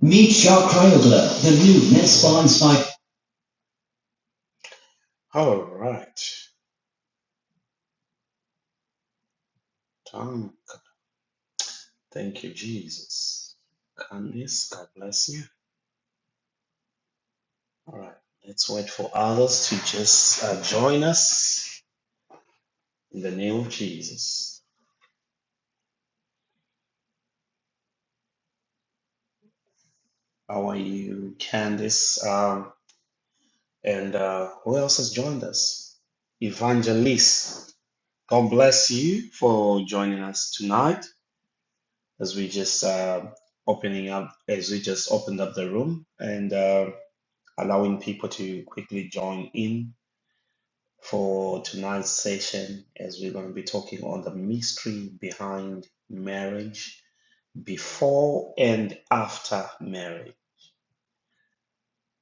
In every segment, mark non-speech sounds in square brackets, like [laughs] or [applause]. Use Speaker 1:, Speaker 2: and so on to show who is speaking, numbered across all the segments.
Speaker 1: Meet Shark Craiogler, the new Net spawns by All right. Tom, thank you, Jesus. Candice, God bless you. All right. Let's wait for others to just uh, join us in the name of Jesus. How are you, Candice? Um, and uh, who else has joined us? Evangelist, God bless you for joining us tonight as we just uh, opening up, as we just opened up the room. And uh, allowing people to quickly join in for tonight's session as we're going to be talking on the mystery behind marriage before and after marriage.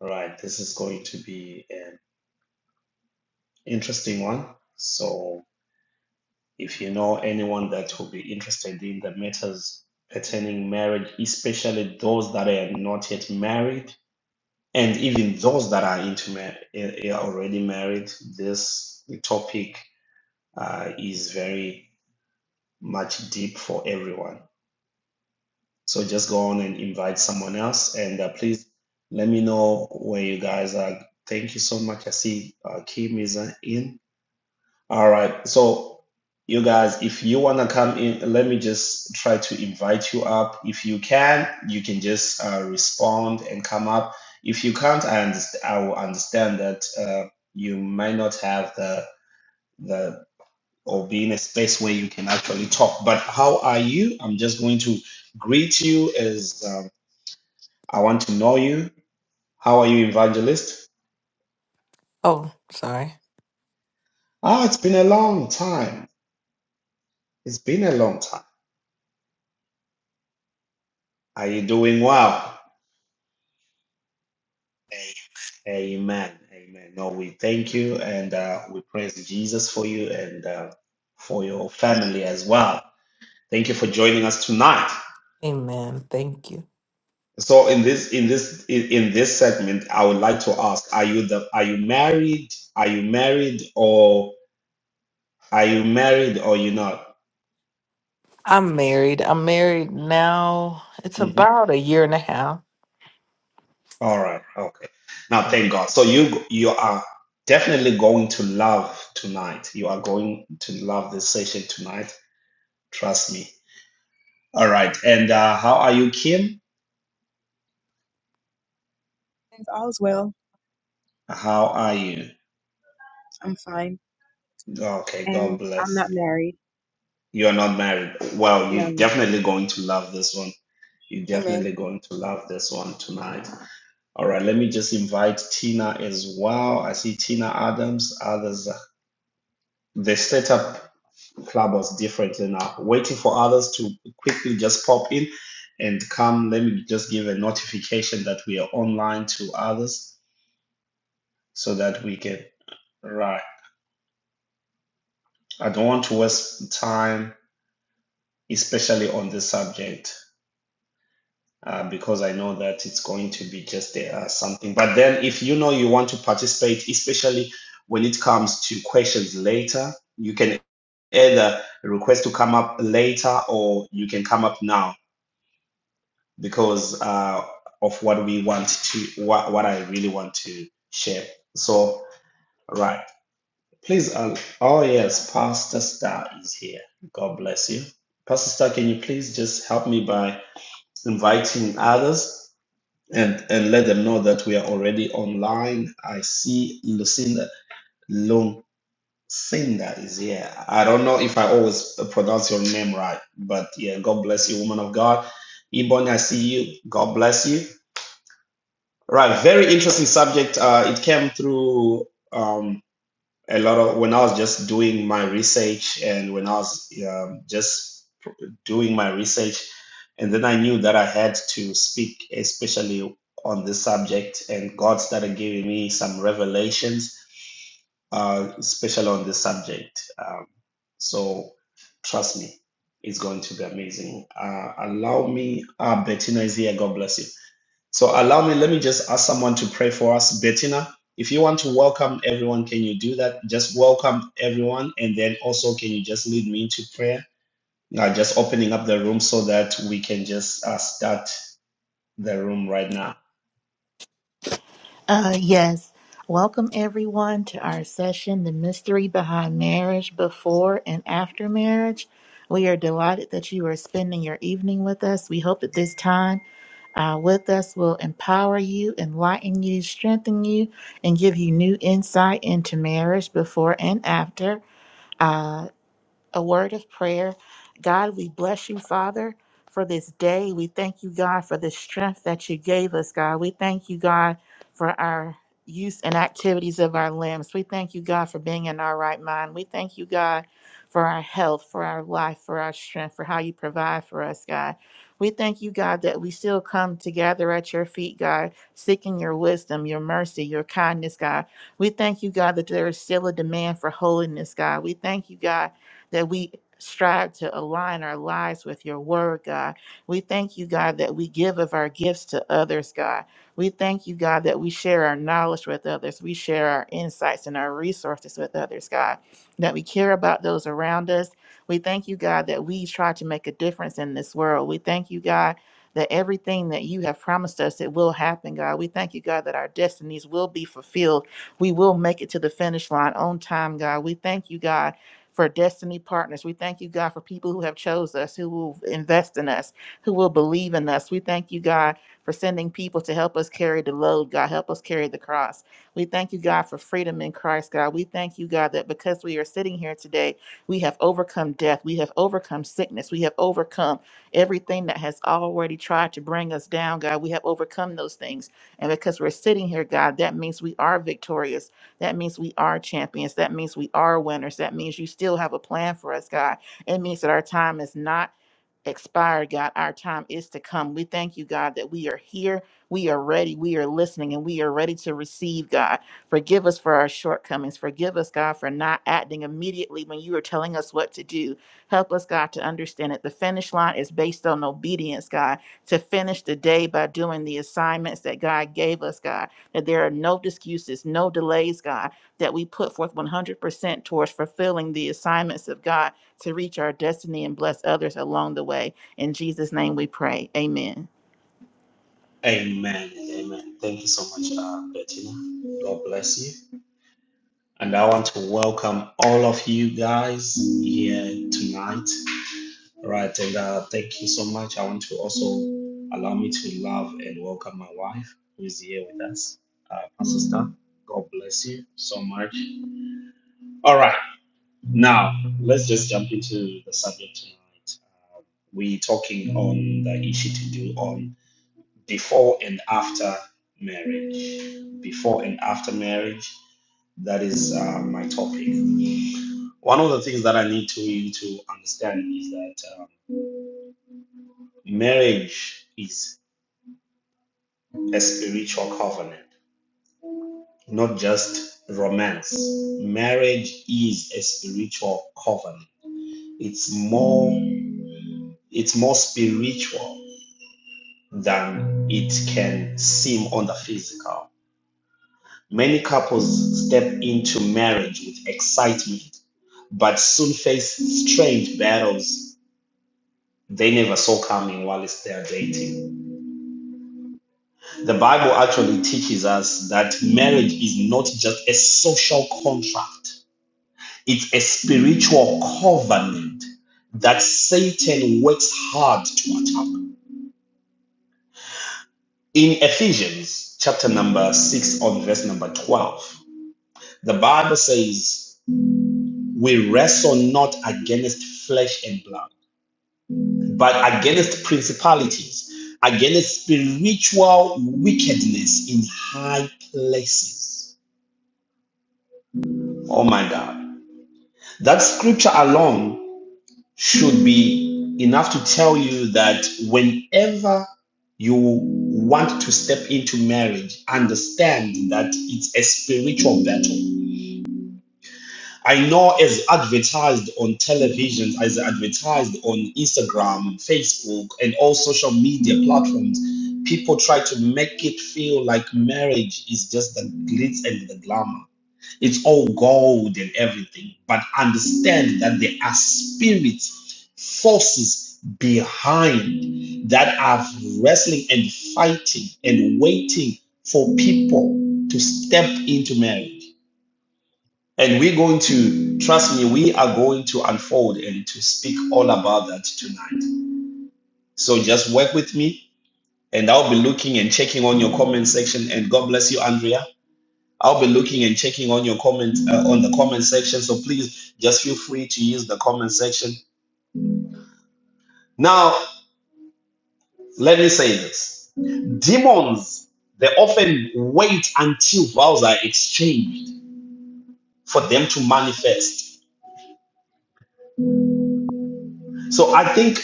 Speaker 1: Right, this is going to be an interesting one. So, if you know anyone that will be interested in the matters pertaining marriage, especially those that are not yet married, and even those that are into mar- eh, eh, already married, this topic uh, is very much deep for everyone. So just go on and invite someone else, and uh, please let me know where you guys are. Thank you so much. I see uh, Kim is uh, in. All right, so you guys, if you wanna come in, let me just try to invite you up. If you can, you can just uh, respond and come up. If you can't, I underst- I will understand that uh, you might not have the the or be in a space where you can actually talk. But how are you? I'm just going to greet you as um, I want to know you. How are you, evangelist?
Speaker 2: Oh, sorry.
Speaker 1: Ah, it's been a long time. It's been a long time. Are you doing well? Amen. Amen. No, we thank you and uh, we praise Jesus for you and uh, for your family as well. Thank you for joining us tonight.
Speaker 2: Amen. Thank you.
Speaker 1: So in this in this in, in this segment, I would like to ask: Are you the are you married? Are you married or are you married or you not?
Speaker 2: I'm married. I'm married now. It's
Speaker 1: Mhm.
Speaker 2: about a year and a half.
Speaker 1: All right, okay. Now, thank God. So you you are definitely going to love tonight. You are going to love this session tonight. Trust me. All right. And uh, how are you, Kim?
Speaker 3: Thanks. All's well.
Speaker 1: How are you?
Speaker 3: I'm fine.
Speaker 1: Okay. God
Speaker 3: And I'm
Speaker 1: bless
Speaker 3: not
Speaker 1: you.
Speaker 3: married.
Speaker 1: You are not married. Well, you're
Speaker 3: No.
Speaker 1: definitely going to love this one You're
Speaker 3: Amen.
Speaker 1: definitely going to love this one tonight. All right, let me just invite Tina as well. I see Tina Adams, others. They set up Clubhouse differently now, waiting for others to quickly just pop in and come. Let me just give a notification that we are online to others so that we can. Right. I don't want to waste time, especially on this subject. uh, because I know that it's going to be just uh, something. But then, if you know you want to participate, especially when it comes to questions later, you can either request to come up later or you can come up now because uh, of what we want to, what, what I really want to share. So, right. Please, uh, oh yes, Pastor Star is here. God bless you. Pastor Star, can you please just help me by inviting others and and let them know that we are already online. I see Lucinda Lucinda is here. I don't know if I always pronounce your name right, but yeah, God bless you, woman of God. Ebony, I see you. God bless you. Right, very interesting subject. Uh, it came through. um, a lot of when I was just doing my research and when I was um, just pr- doing my research, and then I knew that I had to speak, especially on this subject, and God started giving me some revelations, uh, especially on this subject. Um, so, trust me, it's going to be amazing. Uh, allow me, uh, Bettina is here. God bless you. So allow me, let me just ask someone to pray for us. Bettina, if you want to welcome everyone, can you do that? Just welcome everyone. And then also, can you just lead me into prayer? Now, just opening up the room so that we can just uh, start the room right now.
Speaker 4: Uh, yes. Welcome everyone to our session, The Mystery Behind Marriage Before and After Marriage. We are delighted that you are spending your evening with us. We hope that this time uh, with us will empower you, enlighten you, strengthen you, and give you new insight into marriage before and after. uh, a word of prayer. God, we bless you, Father, for this day. We thank you, God, for the strength that you gave us, God. We thank you, God, for our use and activities of our limbs. We thank you, God, for being in our right mind. We thank you, God, for our health, for our life, for our strength, for how you provide for us, God. We thank you, God, that we still come together at your feet, God, seeking your wisdom, your mercy, your kindness, God. We thank you, God, that there is still a demand for holiness, God. We thank you, God, that we strive to align our lives with your word, God. We thank you, God, that we give of our gifts to others, God. We thank you, God, that we share our knowledge with others. We share our insights and our resources with others, God, that we care about those around us. We thank you, God, that we try to make a difference in this world. We thank you, God, that everything that you have promised us, it will happen, God. We thank you, God, that our destinies will be fulfilled. We will make it to the finish line on time, God. We thank you, God for destiny partners. We thank you, God, for people who have chose us, who will invest in us, who will believe in us. We thank you, God, for sending people to help us carry the load, God. Help us carry the cross. We thank you, God, for freedom in Christ, God. We thank you, God, that because we are sitting here today, we have overcome death. We have overcome sickness. We have overcome everything that has already tried to bring us down, God. We have overcome those things. And because we're sitting here, God, that means we are victorious. That means we are champions. That means we are winners. That means you still have a plan for us, God. It means that our time is not expire, God. Our time is to come. We thank you, God, that we are here. We are ready. We are listening and we are ready to receive, God. Forgive us for our shortcomings. Forgive us, God, for not acting immediately when you are telling us what to do. Help us, God, to understand that the finish line is based on obedience, God, to finish the day by doing the assignments that God gave us, God, that there are no excuses, no delays, God, that we put forth 100% towards fulfilling the assignments of God to reach our destiny and bless others along the way. In Jesus' name we pray. Amen.
Speaker 1: Amen. and Amen. Thank you so much, uh, Bettina. God bless you. And I want to welcome all of you guys here tonight. All right, and uh, thank you so much. I want to also allow me to love and welcome my wife who is here with us, uh, Pastor Star. God bless you so much. All right, now let's just jump into the subject tonight. Uh, we're talking on the issue to do on before and after marriage. Before and after marriage, that is uh, my topic. One of the things that I need to you to understand is that um, marriage is a spiritual covenant, not just romance. Marriage is a spiritual covenant. It's more it's more spiritual than it can seem on the physical. Many couples step into marriage with excitement, but soon face strange battles they never saw coming while they're dating. The Bible actually teaches us that marriage is not just a social contract It's a spiritual covenant that Satan works hard to attack. In Ephesians chapter number 6 on verse number 12, the Bible says, We wrestle not against flesh and blood, but against principalities, against spiritual wickedness in high places. Oh my God. That scripture alone should be enough to tell you that whenever you want to step into marriage, understand that it's a spiritual battle. I know as advertised on television, as advertised on Instagram, Facebook, and all social media platforms, people try to make it feel like marriage is just the glitz and the glamour it's all gold and everything. But understand that there are spirit forces behind that are wrestling and fighting and waiting for people to step into marriage. And we're going to, trust me, we are going to unfold and to speak all about that tonight. So just work with me, and I'll be looking and checking on your comment section. And God bless you, Andrea. I'll be looking and checking on your comment uh, on the comment section. So please just feel free to use the comment section. Now, let me say this. Demons, they often wait until vows are exchanged for them to manifest. So I think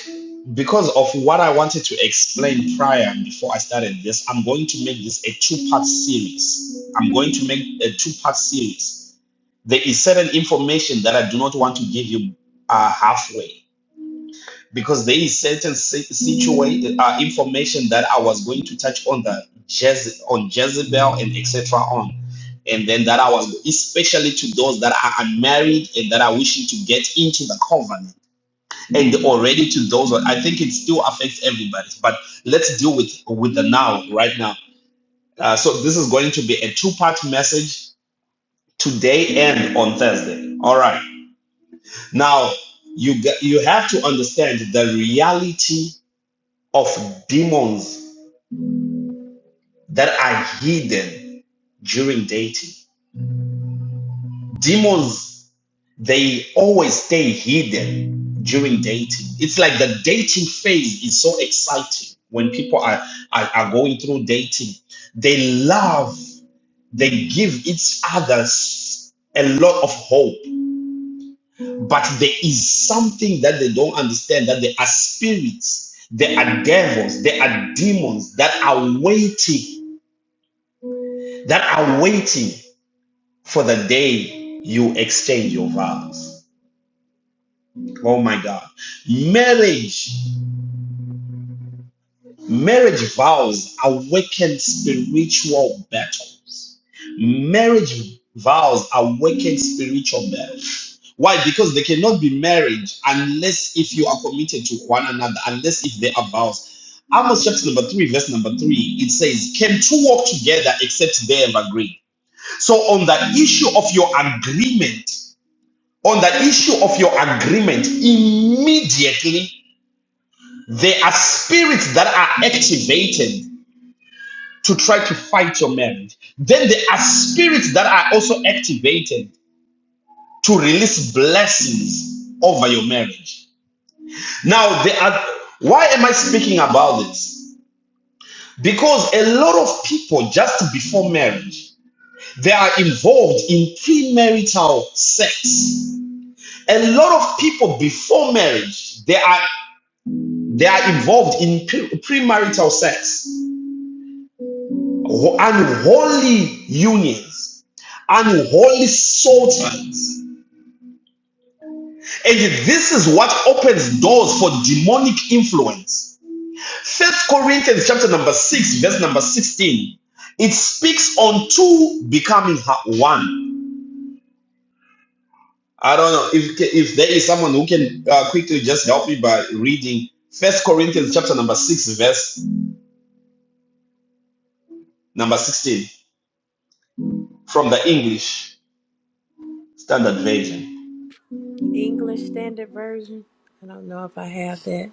Speaker 1: because of what I wanted to explain prior and before I started this, I'm going to make this a two-part series. I'm going to make a two-part series. There is certain information that I do not want to give you uh, halfway. because there is certain situation uh, information that I was going to touch on the Jeze- on Jezebel and etc. on, and then that I was especially to those that are unmarried and that are wishing to get into the covenant, and already to those I think it still affects everybody. But let's deal with with the now right now. Uh, so this is going to be a two part message today and on Thursday. All right. Now you g- you have to understand the reality of demons that are hidden during dating. Demons, they always stay hidden during dating. It's like the dating phase is so exciting when people are, are, are going through dating. They love, they give each other a lot of hope, but there is something that they don't understand that there are spirits, there are devils, there are demons that are waiting, that are waiting for the day you exchange your vows. Oh my God. Marriage, marriage vows awaken spiritual battles. Marriage vows awaken spiritual battles. Why? Because they cannot be marriage unless if you are committed to one another, unless if they are vows. Amos chapter number three, verse number three, it says, Can two walk together except they have agreed? So on the issue of your agreement, on the issue of your agreement immediately there are spirits that are activated to try to fight your marriage then there are spirits that are also activated to release blessings over your marriage now there are why am i speaking about this because a lot of people just before marriage they are involved in premarital sex a lot of people before marriage they are They are involved in premarital sex, unholy unions, unholy soul ties. And this is what opens doors for demonic influence. First Corinthians chapter number 6, verse number 16. It speaks on two becoming one. I don't know if if there is someone who can uh, quickly just help me by reading First Corinthians chapter number 6, verse number 16 from the English Standard Version.
Speaker 5: English Standard Version. I don't know if I have that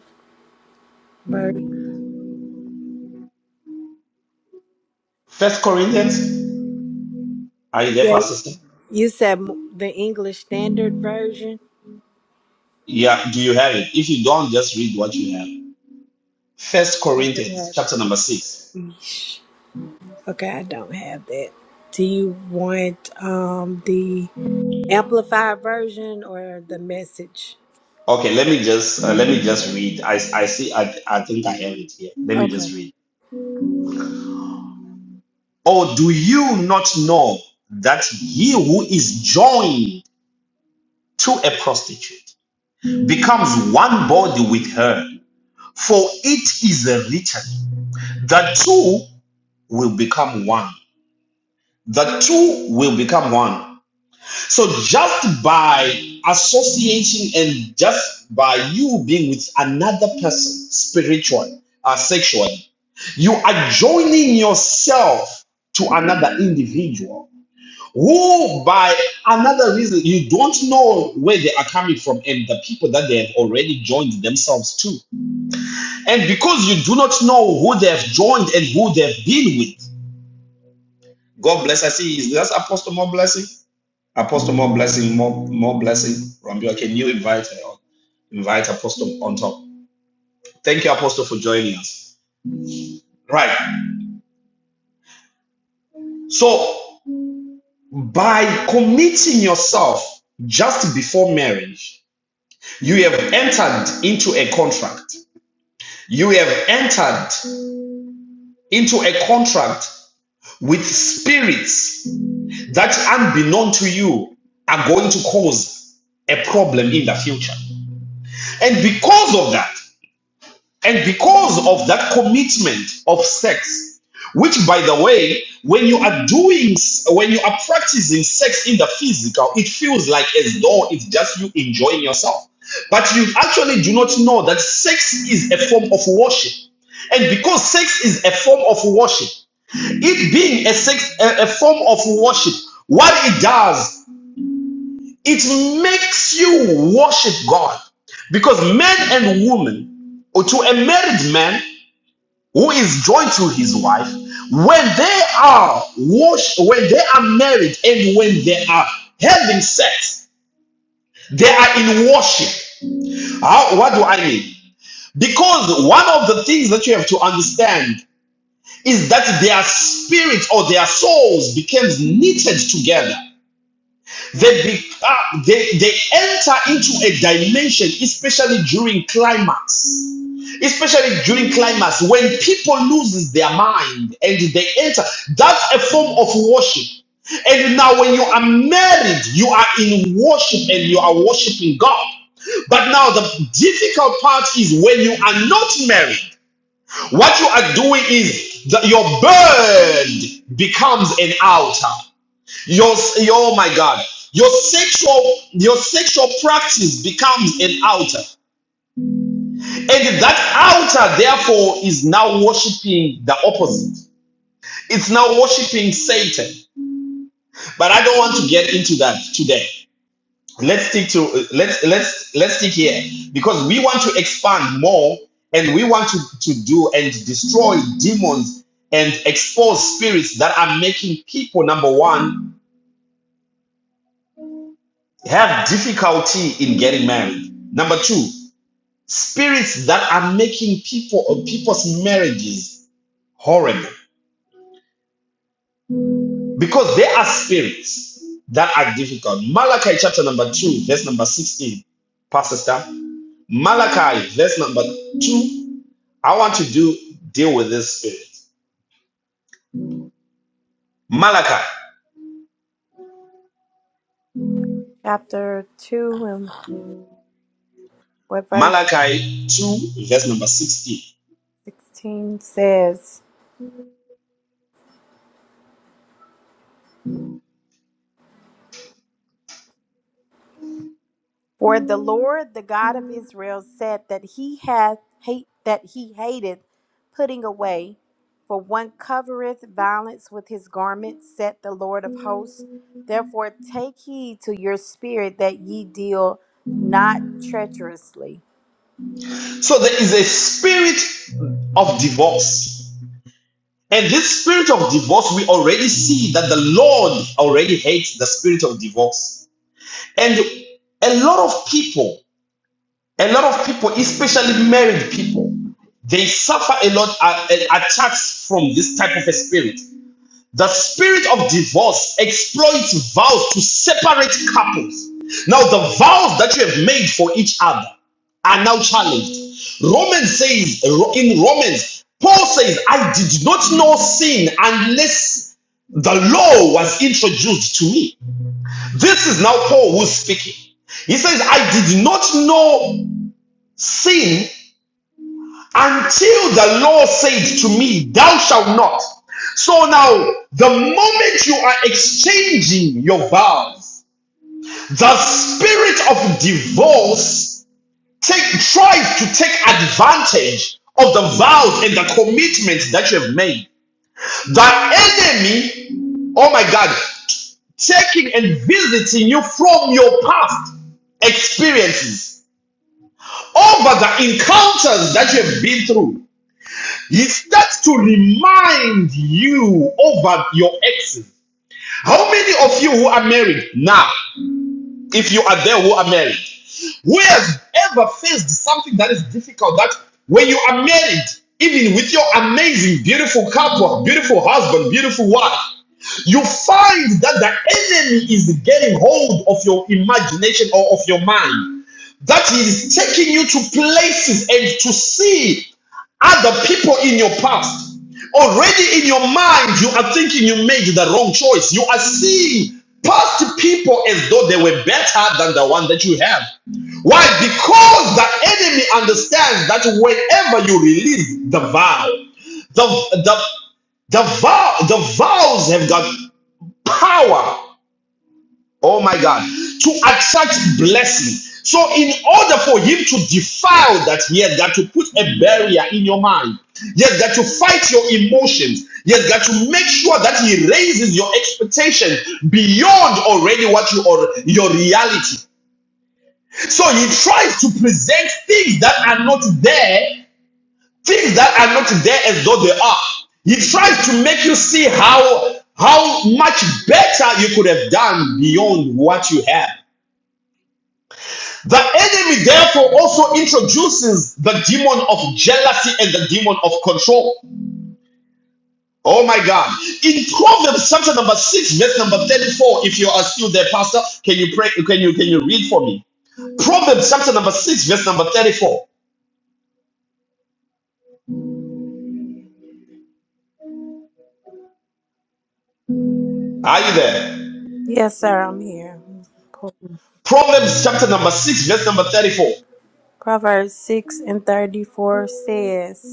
Speaker 5: version.
Speaker 1: First Corinthians, are you there,
Speaker 5: Yes,
Speaker 1: Pastor? Steph?
Speaker 5: you said m- the English Standard Version.
Speaker 1: Yeah, do you have it? If you don't, just read what you have. First
Speaker 5: I do
Speaker 1: Corinthians,
Speaker 5: have it.
Speaker 1: chapter number six.
Speaker 5: Yeesh. Okay, I don't have that. Do you want um the amplified version or the message?
Speaker 1: Okay, let me just uh, let me just read. I, I see. I, I think I have it here. Let me
Speaker 5: Okay.
Speaker 1: just read. Or do you not know that he who is joined to a prostitute becomes one body with her? For it is written, the two will become one. The two will become one. So just by associating and just by you being with another person, spiritually, uh, sexually, you are joining yourself to another individual who, by another reason, you don't know where they are coming from and the people that they have already joined themselves to. And because you do not know who they have joined and who they've been with, God bless. I see, is that Apostle more blessing? Apostle, more blessing, more more blessing. Rambio, can you invite uh, invite Apostle on top? Thank you, Apostle, for joining us. Right. So by committing yourself just before marriage, you have entered into a contract. You have entered into a contract with spirits that, unbeknown to you, are going to cause a problem in the future. And because of that. And because of that commitment of sex, which by the way, when you are doing, when you are practicing sex in the physical, it feels like as though it's just you enjoying yourself. But you actually do not know that sex is a form of worship. And because sex is a form of worship, it being a sex, a, a form of worship, what it does, it makes you worship God. Because men and women, or to a married man who is joined to his wife, when they are washed? when they are married, and when they are having sex, they are in worship. How, what do I mean? Because one of the things that you have to understand is that their spirit or their souls becomes knitted together. They, be, uh, they they enter into a dimension, especially during climax especially during climax when people loses their mind and they enter that's a form of worship and now when you are married you are in worship and you are worshiping god but now the difficult part is when you are not married what you are doing is that your bird becomes an altar your oh my god your sexual your sexual practice becomes an altar and that altar, therefore, is now worshiping the opposite. It's now worshiping Satan. But I don't want to get into that today. Let's stick to let's let's let's stick here because we want to expand more and we want to, to do and destroy demons and expose spirits that are making people number one have difficulty in getting married. Number two, spirits that are making people people's marriages horrible. Because there are spirits that are difficult. Malachi chapter number 2, verse number 16. Pastor Star. Malachi, verse number 2. I want to do deal with this spirit. Malachi.
Speaker 5: Chapter 2 and what verse
Speaker 1: Malachi 2, verse number 16.
Speaker 5: 16 says. where the Lord, the God of Israel, said that he hath hate that he hateth putting away, for one covereth violence with his garment, said the Lord of hosts. Therefore take heed to your spirit that ye deal not treacherously.
Speaker 1: So there is a spirit of divorce. And this spirit of divorce, we already see that the Lord already hates the spirit of divorce. And a lot of people A lot of people, especially married people, they suffer a lot uh, uh, attacks from this type of a spirit. The spirit of divorce exploits vows to separate couples. Now, the vows that you have made for each other are now challenged. Romans says, in Romans, Paul says, I did not know sin unless the law was introduced to me. This is now Paul who's speaking. He says, I did not know sin until the Lord said to me, Thou shalt not. So now, the moment you are exchanging your vows, the spirit of divorce take, tries to take advantage of the vows and the commitments that you have made. The enemy, oh my God, taking and visiting you from your past experiences over the encounters that you have been through Is that to remind you over your exes? How many of you who are married now, if you are there who are married, who has ever faced something that is difficult? That when you are married, even with your amazing, beautiful couple, beautiful husband, beautiful wife, you find that the enemy is getting hold of your imagination or of your mind. That he is taking you to places and to see other people in your past. Already in your mind, you are thinking you made the wrong choice. You are seeing past people as though they were better than the one that you have. Why? Because the enemy understands that whenever you release the vow, the the the vow the vows have got power. Oh my God, to attract blessing. So, in order for him to defile that, he has got to put a barrier in your mind. He has got to fight your emotions. He has got to make sure that he raises your expectation beyond already what you are your reality. So he tries to present things that are not there, things that are not there as though they are. He tries to make you see how how much better you could have done beyond what you have. The enemy therefore also introduces the demon of jealousy and the demon of control. Oh my God. In Proverbs chapter number 6, verse number 34, if you are still there, Pastor, can you pray? Can you can you read for me? Proverbs chapter number 6, verse number 34. Are you there?
Speaker 5: Yes, sir, I'm here.
Speaker 1: Proverbs chapter number 6, verse number 34.
Speaker 5: Proverbs 6 and 34 says,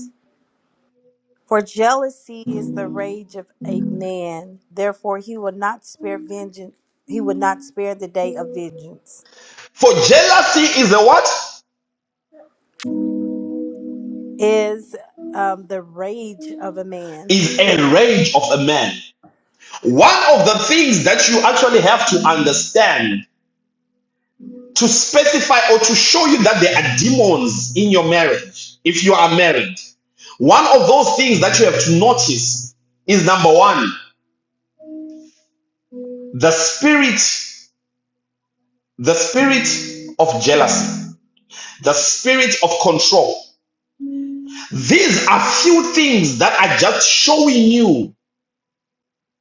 Speaker 5: For jealousy is the rage of a man; therefore he will not spare vengeance. He would not spare the day of vengeance.
Speaker 1: For jealousy is a what?
Speaker 5: Is um, the rage of a man.
Speaker 1: Is a rage of a man. One of the things that you actually have to understand to specify or to show you that there are demons in your marriage, if you are married, one of those things that you have to notice is number one, the spirit, the spirit of jealousy, the spirit of control. These are few things that are just showing you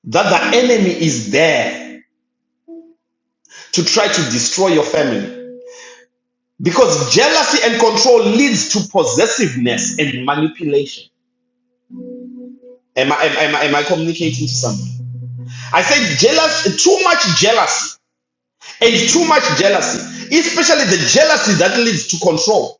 Speaker 1: that the enemy is there to try to destroy your family because jealousy and control leads to possessiveness and manipulation am i am, I- am I communicating to somebody i said jealous too much jealousy and too much jealousy especially the jealousy that leads to control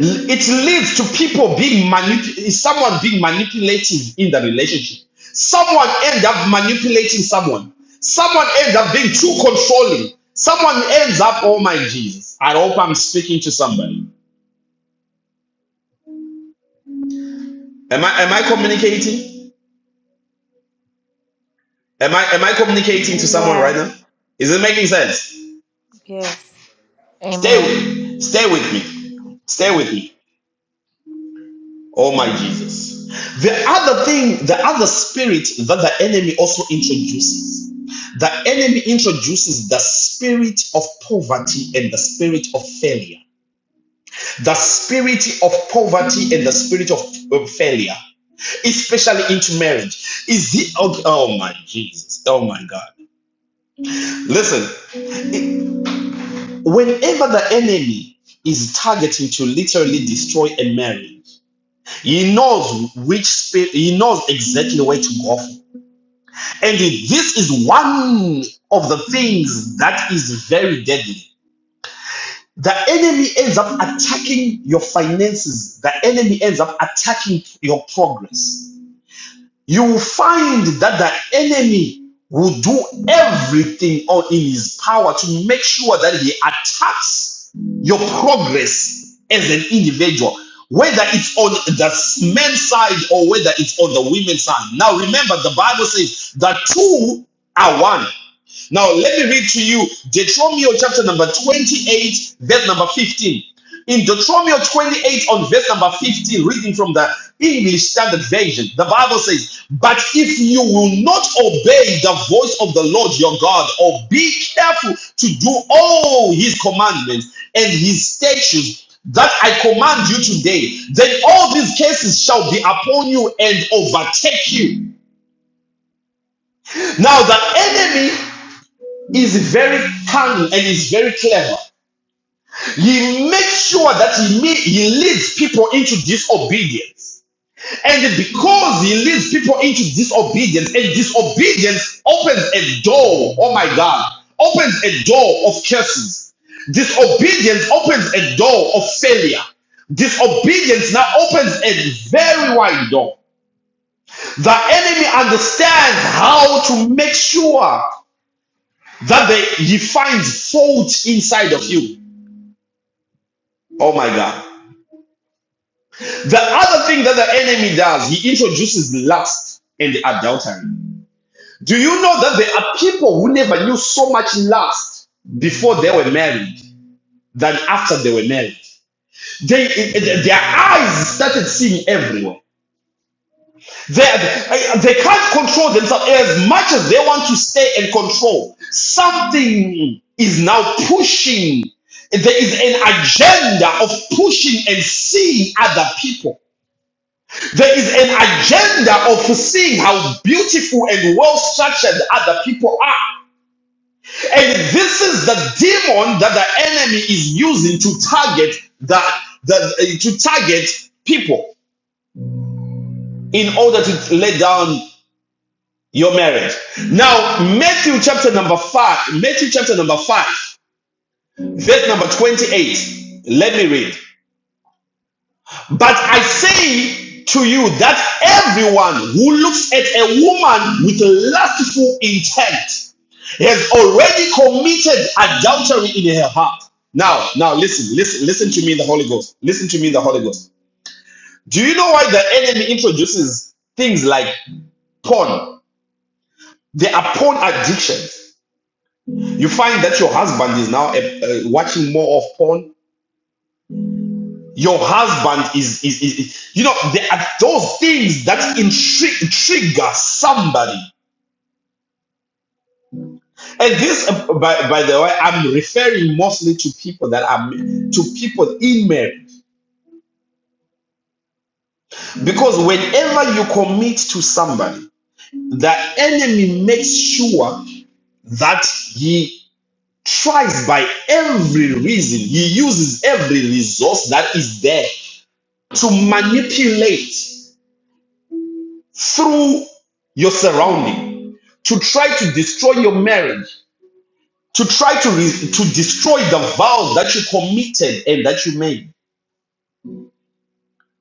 Speaker 1: It leads to people being manip- someone being manipulative in the relationship. Someone ends up manipulating someone. Someone ends up being too controlling. Someone ends up, oh my Jesus. I hope I'm speaking to somebody. Am I am I communicating? Am I am I communicating to someone right
Speaker 5: Amen.
Speaker 1: now? Is it making sense?
Speaker 5: Yes,
Speaker 1: Stay
Speaker 4: Amen.
Speaker 1: with stay with me. Stay
Speaker 4: Amen.
Speaker 1: with me. Oh my Jesus. The other thing, the other spirit that the enemy also introduces The enemy introduces the spirit of poverty and the spirit of failure. The spirit of poverty and the spirit of of failure, especially into marriage. Is the oh, oh my Jesus, oh my God. Listen, whenever the enemy is targeting to literally destroy a marriage, he knows which spirit, he knows exactly where to go for. And this is one of the things that is very deadly the enemy ends up attacking your finances. The enemy ends up attacking your progress. You will find that the enemy will do everything all in his power to make sure that he attacks your progress as an individual, whether it's on the men's side or whether it's on the women's side. Now, remember, the Bible says that two are one. Now, let me read to you Deuteronomy chapter number 28, verse number 15. In Deuteronomy 28, on verse number 15, reading from the English Standard Version, the Bible says, But if you will not obey the voice of the Lord your God, or be careful to do all his commandments and his statutes that I command you today, then all these cases shall be upon you and overtake you. Now, the enemy is very cunning and is very clever. He makes sure that he, ma- he leads people into disobedience. And because he leads people into disobedience, and disobedience opens a door, oh my God, opens a door of curses. Disobedience opens a door of failure. Disobedience now opens a very wide door. The enemy understands how to make sure that they, he finds fault inside of you. Oh my God. The other thing that the enemy does, he introduces lust and adultery. Do you know that there are people who never knew so much lust before they were married than after they were married? They, their eyes started seeing everywhere. They, they can't control themselves as much as they want to stay and control. Something is now pushing. There is an agenda of pushing and seeing other people. There is an agenda of seeing how beautiful and well structured other people are. And this is the demon that the enemy is using to target the, the eh, to target people in order to lay down your marriage. Now, Matthew chapter number 5, Matthew chapter number 5, verse number 28. Let me read. But I say to you that everyone who looks at a woman with lustful intent has already committed adultery in her heart. Now, now listen, listen, listen to me in the Holy Ghost. Listen to me in the Holy Ghost. Do you know why the enemy introduces things like porn? There are porn addictions. You find that your husband is now uh, uh, watching more of porn Your husband is, is, is, is- you know, there are those things that intri- trigger somebody. And this, uh, by, by the way, I'm referring mostly to people that are, to people in marriage. Because whenever you commit to somebody, the enemy makes sure that he tries by every reason, he uses every resource that is there to manipulate. through your surrounding to try to destroy your marriage, to try to, re- to destroy the vows that you committed and that you made.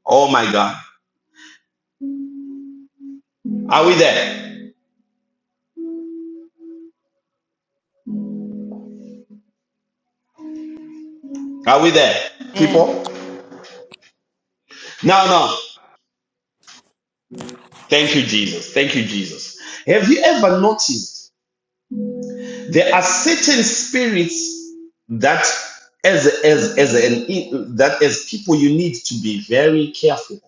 Speaker 1: Oh my God. Are we there? Are we there,
Speaker 4: Amen.
Speaker 1: people? Now, now. Thank you, Jesus. Thank you, Jesus. Have you ever noticed there are certain spirits that as as as an that as people you need to be very careful of?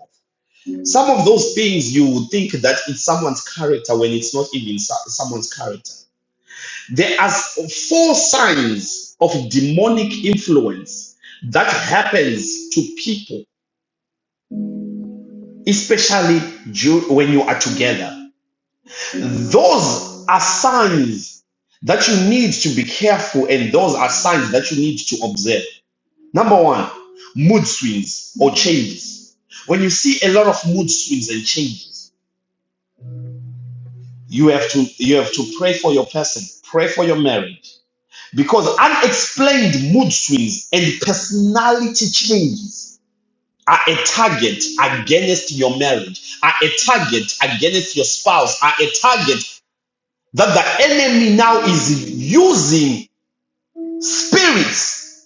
Speaker 1: Some of those things you would think that it's someone's character when it's not even so- someone's character. There are four signs of demonic influence that happens to people, especially when you are together. Those are signs that you need to be careful, and those are signs that you need to observe. Number one, mood swings or changes. When you see a lot of mood swings and changes, You have to you have to pray for your person, pray for your marriage. Because unexplained mood swings and personality changes are a target against your marriage, are a target against your spouse, are a target that the enemy now is using spirits.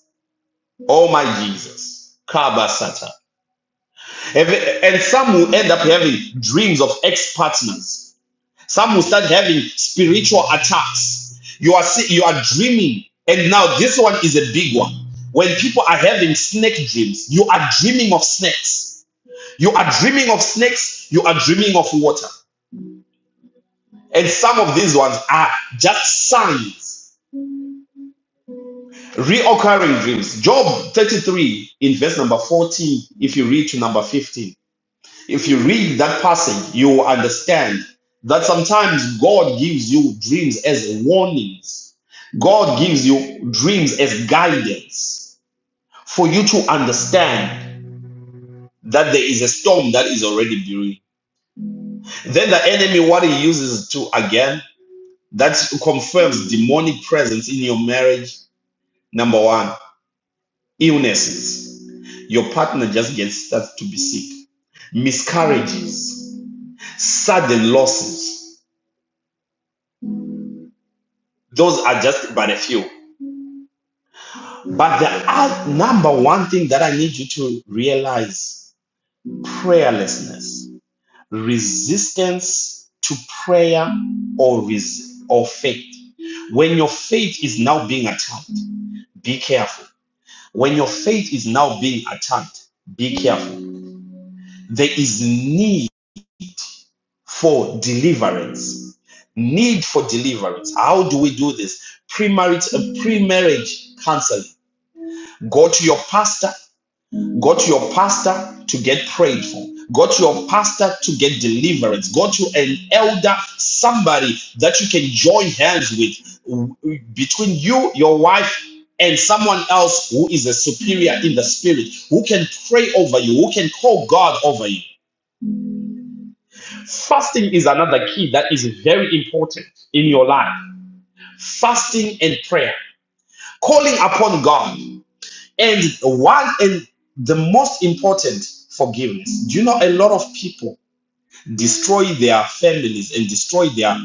Speaker 1: Oh my Jesus. Kabasata, And some will end up having dreams of ex partners Some will start having spiritual attacks. You are see- you are dreaming, and now this one is a big one. When people are having snake dreams, you are dreaming of snakes. You are dreaming of snakes. You are dreaming of water. And some of these ones are just signs, reoccurring dreams. Job 33 in verse number 14, if you read to number 15. If you read that passage, you will understand that sometimes God gives you dreams as warnings. God gives you dreams as guidance for you to understand that there is a storm that is already brewing. Then the enemy, what he uses to again, that confirms demonic presence in your marriage. Number one, illnesses. Your partner just gets starts to be sick, miscarriages, sudden losses Those are just but a few. But the oth- number one thing that I need you to realize prayerlessness, resistance to prayer or, res- or faith. When your faith is now being attacked, be careful. When your faith is now being attacked, be careful. There is need for deliverance. Need for deliverance. How do we do this? Pre-marriage, uh, pre-marriage counseling Go to your pastor. Go to your pastor to get prayed for. Go to your pastor to get deliverance. Go to an elder, somebody that you can join hands with between you, your wife, and someone else who is a superior in the spirit, who can pray over you, who can call God over you. Fasting is another key that is very important in your life. Fasting and prayer, calling upon God. And one, and the most important, forgiveness. Do you know a lot of people destroy their families and destroy their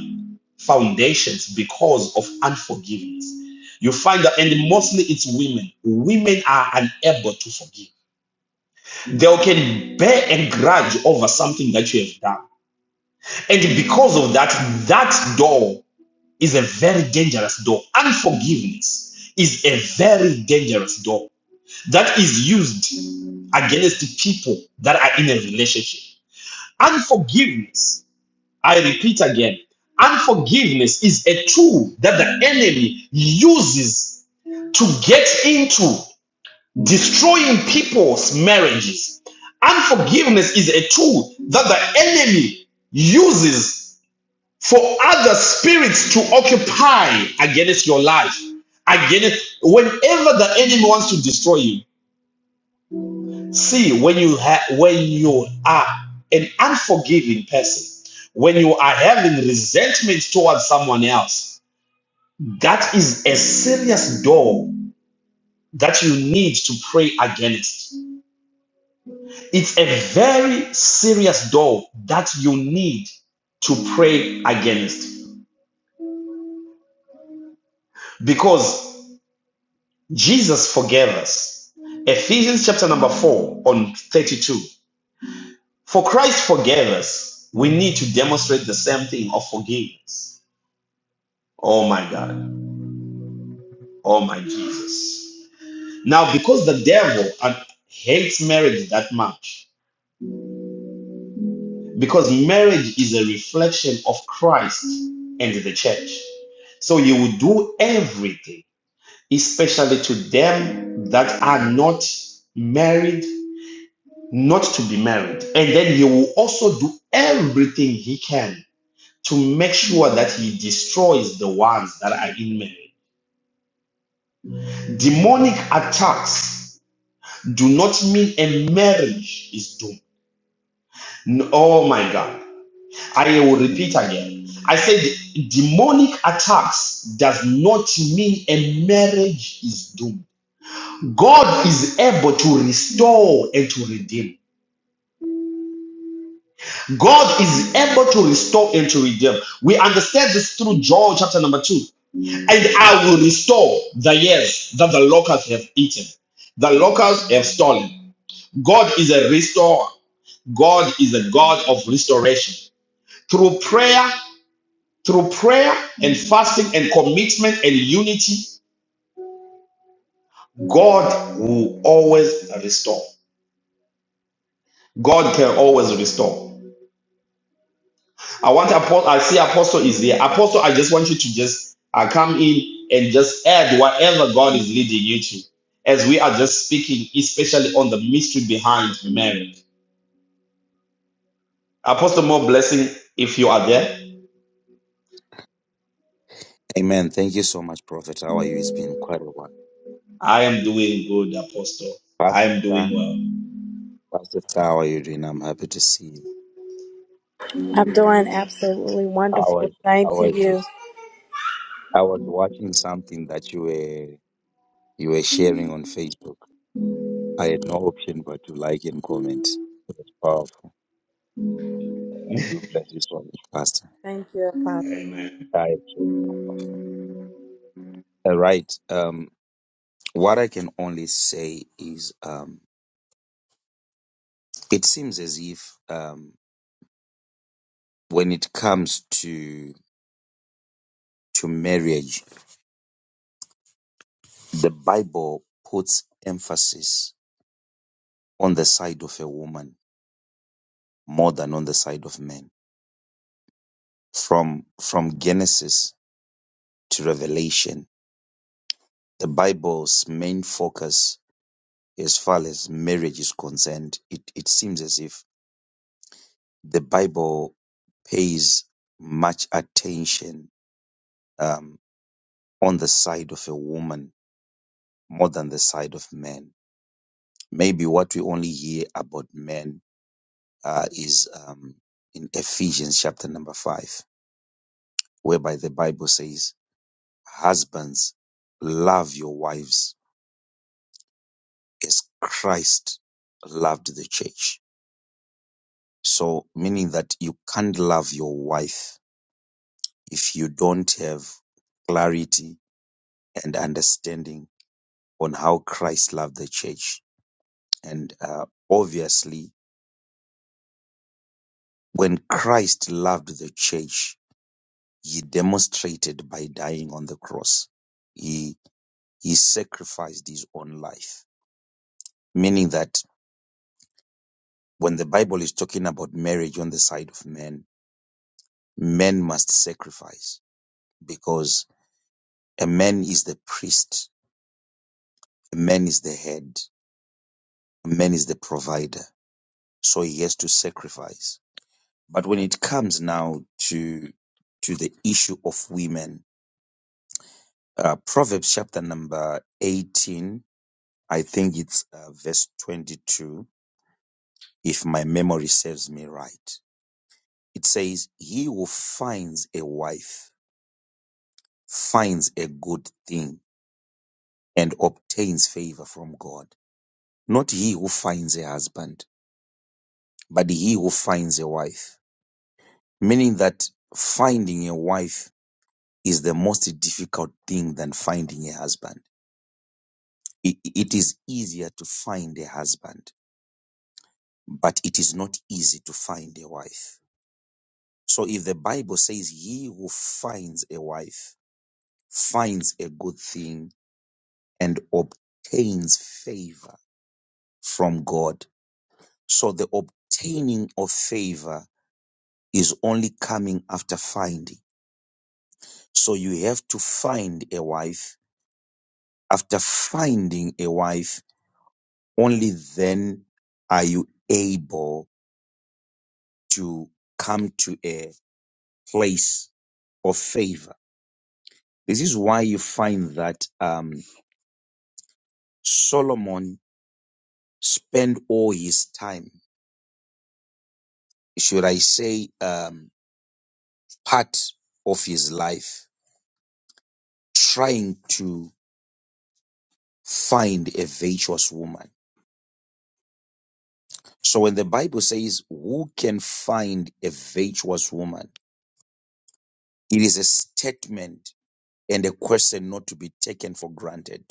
Speaker 1: foundations because of unforgiveness? You find that, and mostly it's women. Women are unable to forgive. They can bear a grudge over something that you have done. And because of that, that door is a very dangerous door. Unforgiveness is a very dangerous door. that is used against the people that are in a relationship. Unforgiveness, I repeat again, unforgiveness is a tool that the enemy uses to get into destroying people's marriages. Unforgiveness is a tool that the enemy uses for other spirits to occupy against your life. Against whenever the enemy wants to destroy you, See, when you ha- when you are an unforgiving person, when you are having resentment towards someone else, that is a serious door that you need to pray against. It's a very serious door that you need to pray against because Jesus forgave us. Ephesians chapter number 4 on 32. For Christ forgave us, we need to demonstrate the same thing of forgiveness. Oh my God. Oh my Jesus. Now, because the devil uh, hates marriage that much, because marriage is a reflection of Christ and the church. So you will do everything, especially to them that are not married, not to be married. And then he will also do everything he can to make sure that he destroys the ones that are in marriage. Demonic attacks do not mean a marriage is doomed. N- Oh my God. I will repeat again. I said demonic attacks does not mean a marriage is doomed. God is able to restore and to redeem. God is able to restore and to redeem. We understand this through John chapter number 2. And I will restore the years that the locusts have eaten, the locusts have stolen. God is a restorer. God is a God of restoration. through prayer, through prayer and fasting and commitment and unity, God will always restore. God can always restore. I want apostle. I see apostle is there. Apostle, I just want you to just uh, come in and just add whatever God is leading you to, as we are just speaking, especially on the mystery behind marriage. Apostle, more blessing if you are there.
Speaker 6: Amen. Thank you so much, Prophet. How are you? It's been quite a while.
Speaker 1: I am doing good, Apostle. I
Speaker 6: Pastor,
Speaker 1: am doing
Speaker 6: Star-
Speaker 1: well.
Speaker 6: Pastor, Star, how are you doing? I'm happy to see you.
Speaker 5: I'm doing absolutely
Speaker 6: I
Speaker 5: wonderful.
Speaker 6: was,
Speaker 5: Same
Speaker 6: I
Speaker 5: to
Speaker 6: was,
Speaker 5: you.
Speaker 6: I was watching something that you were, you were sharing on Facebook. I had no option but to like and comment. It was powerful. I do bless you so much, Pastor.
Speaker 5: Thank you, Apostle.
Speaker 1: Amen.
Speaker 6: Right. All right. Um, what I can only say is, um, it seems as if, um, when it comes to to marriage The Bible puts emphasis on the side of a woman more than on the side of men. From, from Genesis to Revelation, the Bible's main focus as far as marriage is concerned, it, it seems as if the Bible pays much attention um, on the side of a woman more than the side of men. Maybe what we only hear about men uh, is um, in Ephesians chapter number 5 whereby the Bible says, Husbands, love your wives as Christ loved the church. So, meaning that you can't love your wife if you don't have clarity and understanding on how Christ loved the church. And uh, obviously, when Christ loved the church, he demonstrated by dying on the cross. He, he sacrificed his own life, meaning that When the Bible is talking about marriage on the side of men, men must sacrifice because a man is the priest, a man is the head, a man is the provider. So he has to sacrifice. But when it comes now to to the issue of women, uh, Proverbs chapter number 18, I think it's uh, verse 22, if my memory serves me right. It says, He who finds a wife finds a good thing and obtains favor from God. Not he who finds a husband, but he who finds a wife. Meaning that finding a wife is the most difficult thing than finding a husband. I- It is easier to find a husband, but it is not easy to find a wife. So if the Bible says he who finds a wife finds a good thing and obtains favor from God, so the obtaining of favor is only coming after finding. So you have to find a wife. After finding a wife, only then are you able to come to a place of favor. This is why you find that um, Solomon spent all his time, should I say, um, part of his life trying to find a virtuous woman So when the Bible says, Who can find a virtuous woman? It is a statement and a question not to be taken for granted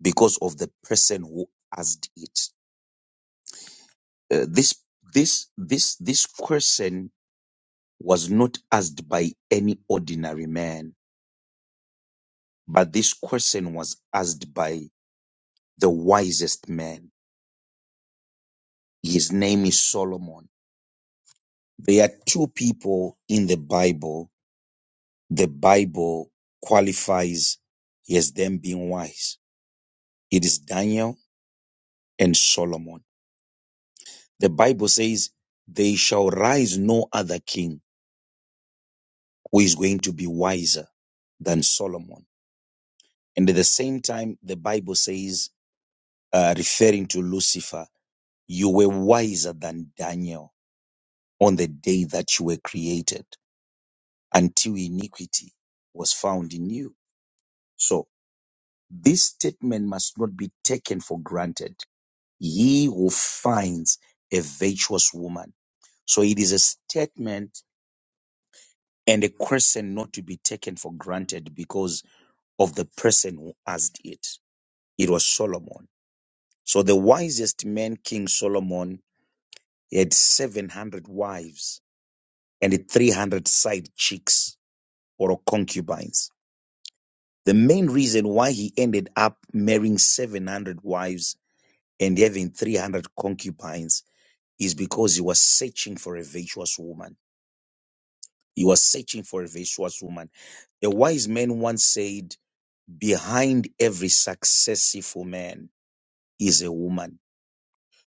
Speaker 6: because of the person who asked it. Uh, this, this, this, this question was not asked by any ordinary man, but this question was asked by the wisest man. His name is Solomon. There are two people in the Bible the Bible qualifies he as them being wise. It is Daniel and Solomon. The Bible says, They shall rise no other king who is going to be wiser than Solomon. And at the same time, the Bible says, uh, referring to Lucifer, you were wiser than Daniel on the day that you were created until iniquity was found in you. So this statement must not be taken for granted He who finds a virtuous woman. So it is a statement and a question not to be taken for granted because of the person who asked it. It was Solomon. So the wisest man, King Solomon, he had 700 wives and 300 side chicks or concubines. The main reason why he ended up marrying 700 wives and having 300 concubines is because he was searching for a virtuous woman He was searching for a virtuous woman. A wise man once said, Behind every successful man is a woman.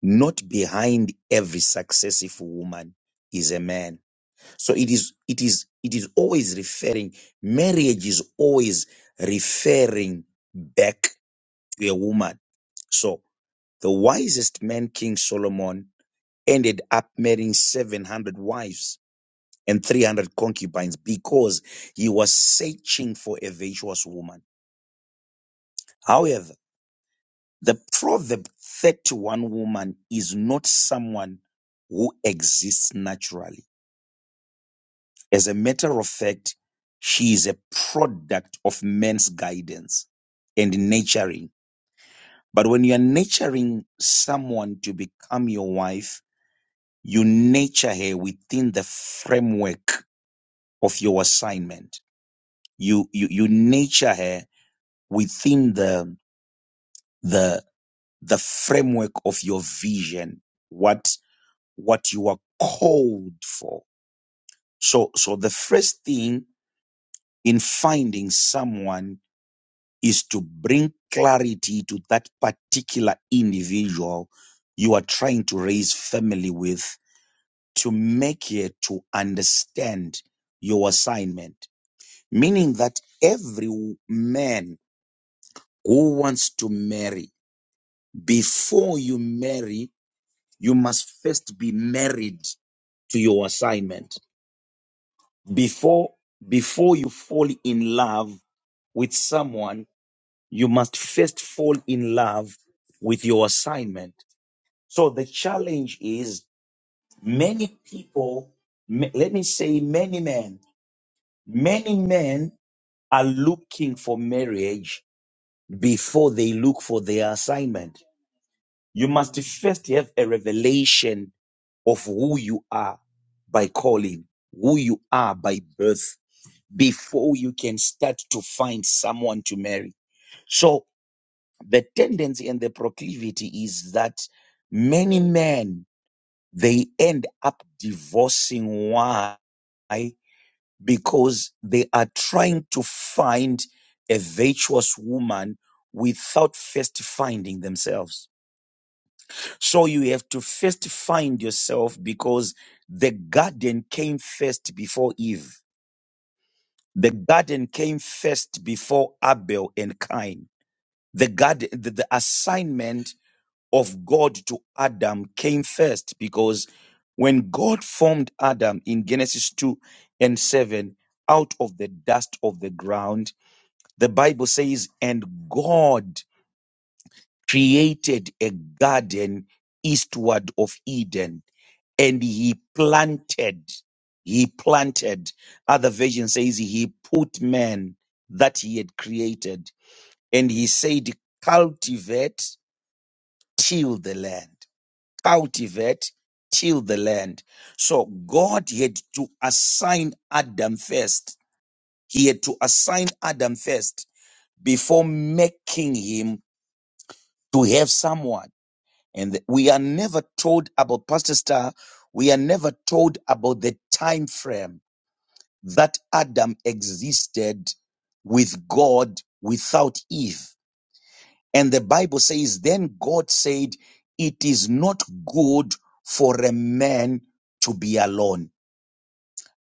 Speaker 6: Not behind every successful woman is a man. So it is, it is, it is always referring, marriage is always referring back to a woman. So the wisest man, King Solomon, ended up marrying 700 wives and 300 concubines because he was searching for a virtuous woman. However, the proverb 31 woman is not someone who exists naturally. As a matter of fact, she is a product of man's guidance and nurturing. But when you are nurturing someone to become your wife, you nurture her within the framework of your assignment. You, you, you nurture her within the the the framework of your vision what what you are called for so so the first thing in finding someone is to bring clarity to that particular individual you are trying to raise family with to make it to understand your assignment meaning that every man who wants to marry before you marry you must first be married to your assignment before before you fall in love with someone you must first fall in love with your assignment so the challenge is many people ma- let me say many men many men are looking for marriage before they look for their assignment you must first have a revelation of who you are by calling, who you are by birth, before you can start to find someone to marry. So the tendency and the proclivity is that many men, they end up divorcing. Why? Because they are trying to find a virtuous woman without first finding themselves So you have to first find yourself because the garden came first before Eve. The garden came first before Abel and Cain. The garden, the, the assignment of God to Adam came first because when God formed Adam in Genesis 2 and 7 out of the dust of the ground, the Bible says, and God created a garden eastward of Eden and he planted he planted other version says he put man that he had created and he said cultivate till the land cultivate till the land so god had to assign adam first he had to assign adam first before making him to have someone and we are never told about pastor star we are never told about the time frame that Adam existed with God without Eve. And the Bible says, then God said, it is not good for a man to be alone.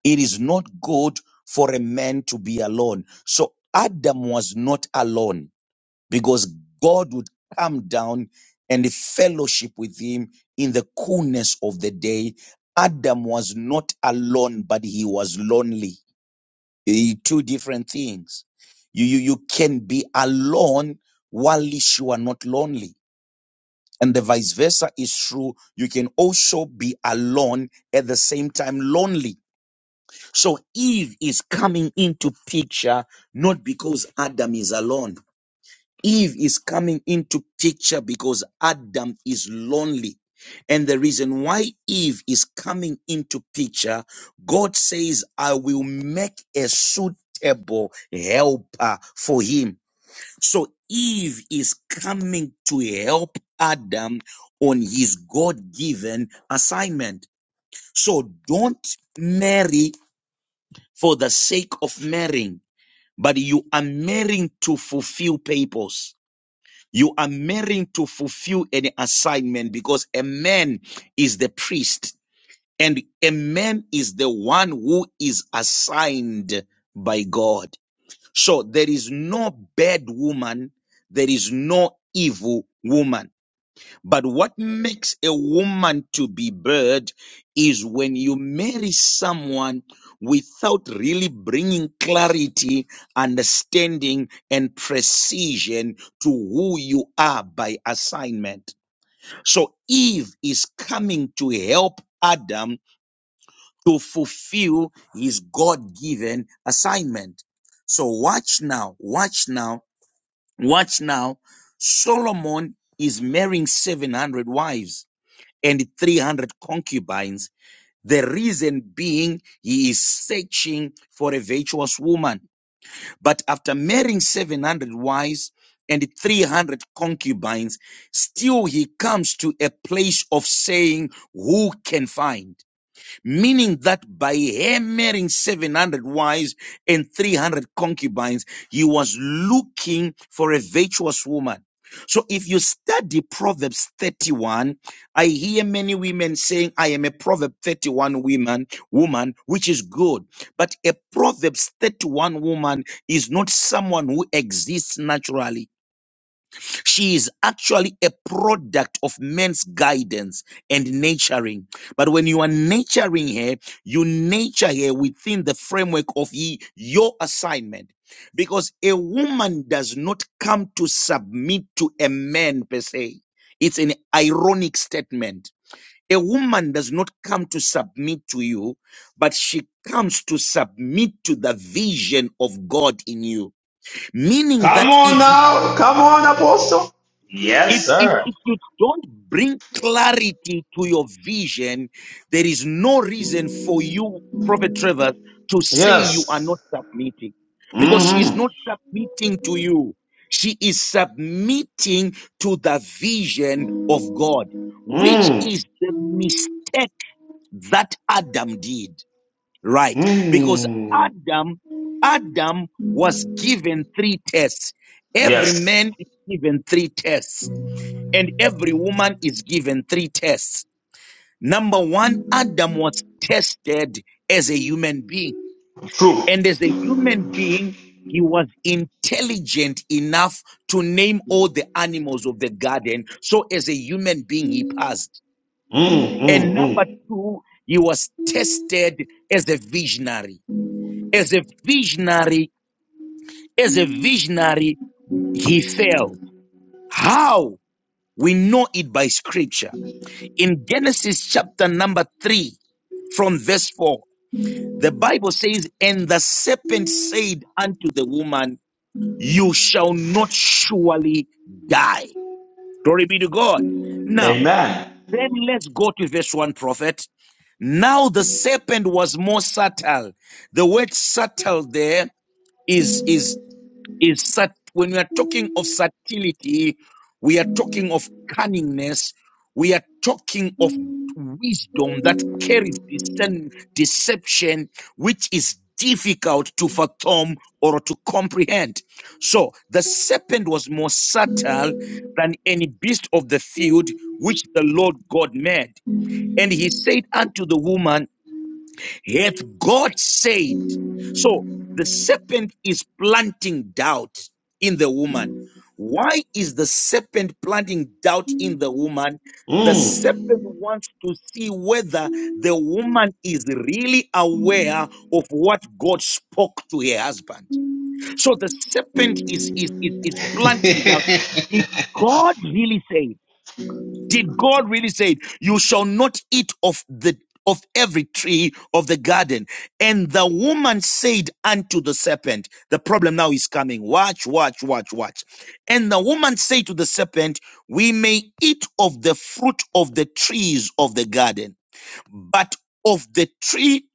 Speaker 6: It is not good for a man to be alone. So Adam was not alone because God would come down and fellowship with him in the coolness of the day. Adam was not alone, but he was lonely Eh, two different things. You, you, you can be alone whilst you are not lonely. And the vice versa is true. You can also be alone at the same time lonely. So Eve is coming into picture not because Adam is alone. Eve is coming into picture because Adam is lonely. And the reason why Eve is coming into picture, God says, I will make a suitable helper for him. So Eve is coming to help Adam on his God given assignment. So don't marry for the sake of marrying, but you are marrying to fulfill purpose. You are marrying to fulfill an assignment because a man is the priest and a man is the one who is assigned by God. So there is no bad woman. There is no evil woman but what makes a woman to be bird is when you marry someone without really bringing clarity, understanding, and precision to who you are by assignment. So Eve is coming to help Adam to fulfill his God given assignment. So watch now, watch now, watch now. Solomon is marrying 700 wives and 300 concubines. The reason being he is searching for a virtuous woman. But after marrying 700 wives and 300 concubines, still he comes to a place of saying, Who can find? meaning that by her marrying 700 wives and 300 concubines, he was looking for a virtuous woman. So if you study Proverbs 31, I hear many women saying, I am a Proverbs 31 woman, woman, which is good. But a Proverbs 31 woman is not someone who exists naturally. She is actually a product of men's guidance and nurturing. But when you are nurturing her, you nurture her within the framework of ye, your assignment. Because a woman does not come to submit to a man per se. It's an ironic statement. A woman does not come to submit to you, but she comes to submit to the vision of God in you. Meaning
Speaker 1: Come
Speaker 6: that
Speaker 1: on
Speaker 6: if
Speaker 1: now. Come on, Apostle. Yes,
Speaker 6: if, if,
Speaker 1: sir.
Speaker 6: if you don't bring clarity to your vision, there is no reason for you, Prophet Trevor, to say you are not
Speaker 1: Yes.
Speaker 6: submitting because she is
Speaker 1: Mm-hmm.
Speaker 6: not submitting to you. She is submitting to the vision of God, which
Speaker 1: Mm.
Speaker 6: is the mistake that Adam did, right? Because
Speaker 1: Mm.
Speaker 6: Adam, Adam was given three tests. Every
Speaker 1: Yes.
Speaker 6: man is given three tests and every woman is given three tests. Number one, Adam was tested as a human being.
Speaker 1: True.
Speaker 6: And as a human being, he was intelligent enough to name all the animals of the garden. So as a human being, he passed.
Speaker 1: Mm,
Speaker 6: And
Speaker 1: mm,
Speaker 6: number
Speaker 1: mm.
Speaker 6: two, he was tested as a visionary. As a visionary, as a visionary, he failed. How? We know it by scripture in Genesis chapter number three, from verse four, the Bible says, And the serpent said unto the woman, You shall not surely die. Glory be to God. Now,
Speaker 1: Amen.
Speaker 6: then let's go to verse one, prophet. Now the serpent was more subtle. The word subtle there is is is sat when we are talking of subtlety, we are talking of cunningness, we are talking of wisdom that carries discern, deception, which is difficult to fathom or to comprehend. So the serpent was more subtle than any beast of the field which the Lord God made. And he said unto the woman, Hath God said? So the serpent is planting doubt in the woman. Why is the serpent planting doubt in the woman? The
Speaker 1: Mm.
Speaker 6: serpent wants to see whether the woman is really aware of what God spoke to her husband. So the serpent is, is, is, is planting doubt. Did God really say? Did God really say it? You shall not eat of the of every tree of the garden. And the woman said unto the serpent, the problem now is coming. Watch, watch, watch, watch. And the woman said to the serpent, we may eat of the fruit of the trees of the garden, but of the tree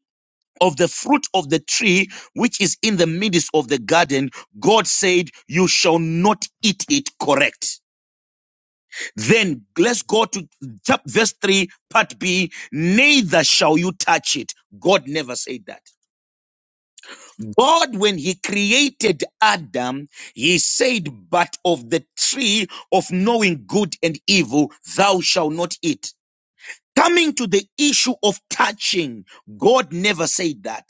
Speaker 6: of the fruit of the tree which is in the midst of the garden, God said, You shall not eat it correct. Then let's go to chapter verse 3, part B. Neither shall you touch it. God never said that. God, when he created Adam, he said, But of the tree of knowing good and evil, thou shalt not eat. Coming to the issue of touching, God never said that.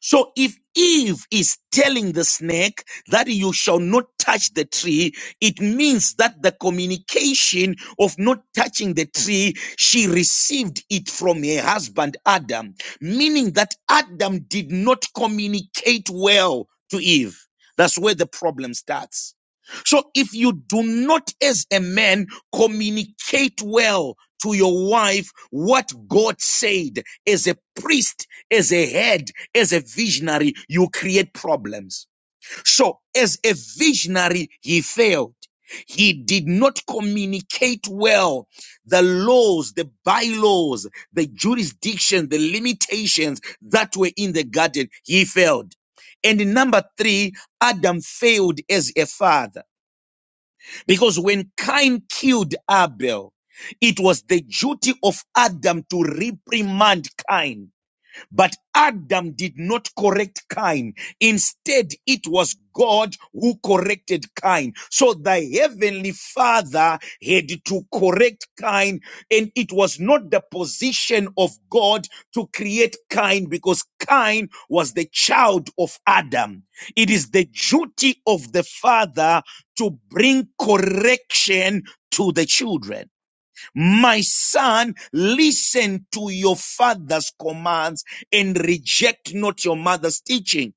Speaker 6: So if Eve is telling the snake that you shall not touch the tree, it means that the communication of not touching the tree, she received it from her husband Adam, meaning that Adam did not communicate well to Eve. That's where the problem starts. So if you do not as a man communicate well to your wife what God said as a priest as a head, as a visionary, you create problems. So, as a visionary, he failed. He did not communicate well the laws, the bylaws, the jurisdiction, the limitations that were in the garden. He failed. And number three, Adam failed as a father because when Cain killed Abel, it was the duty of Adam to reprimand Cain but Adam did not correct Cain. Instead, it was God who corrected Cain. So the heavenly father had to correct Cain, and it was not the position of God to create Cain because Cain was the child of Adam. It is the duty of the father to bring correction to the children. My son, listen to your father's commands and reject not your mother's teaching.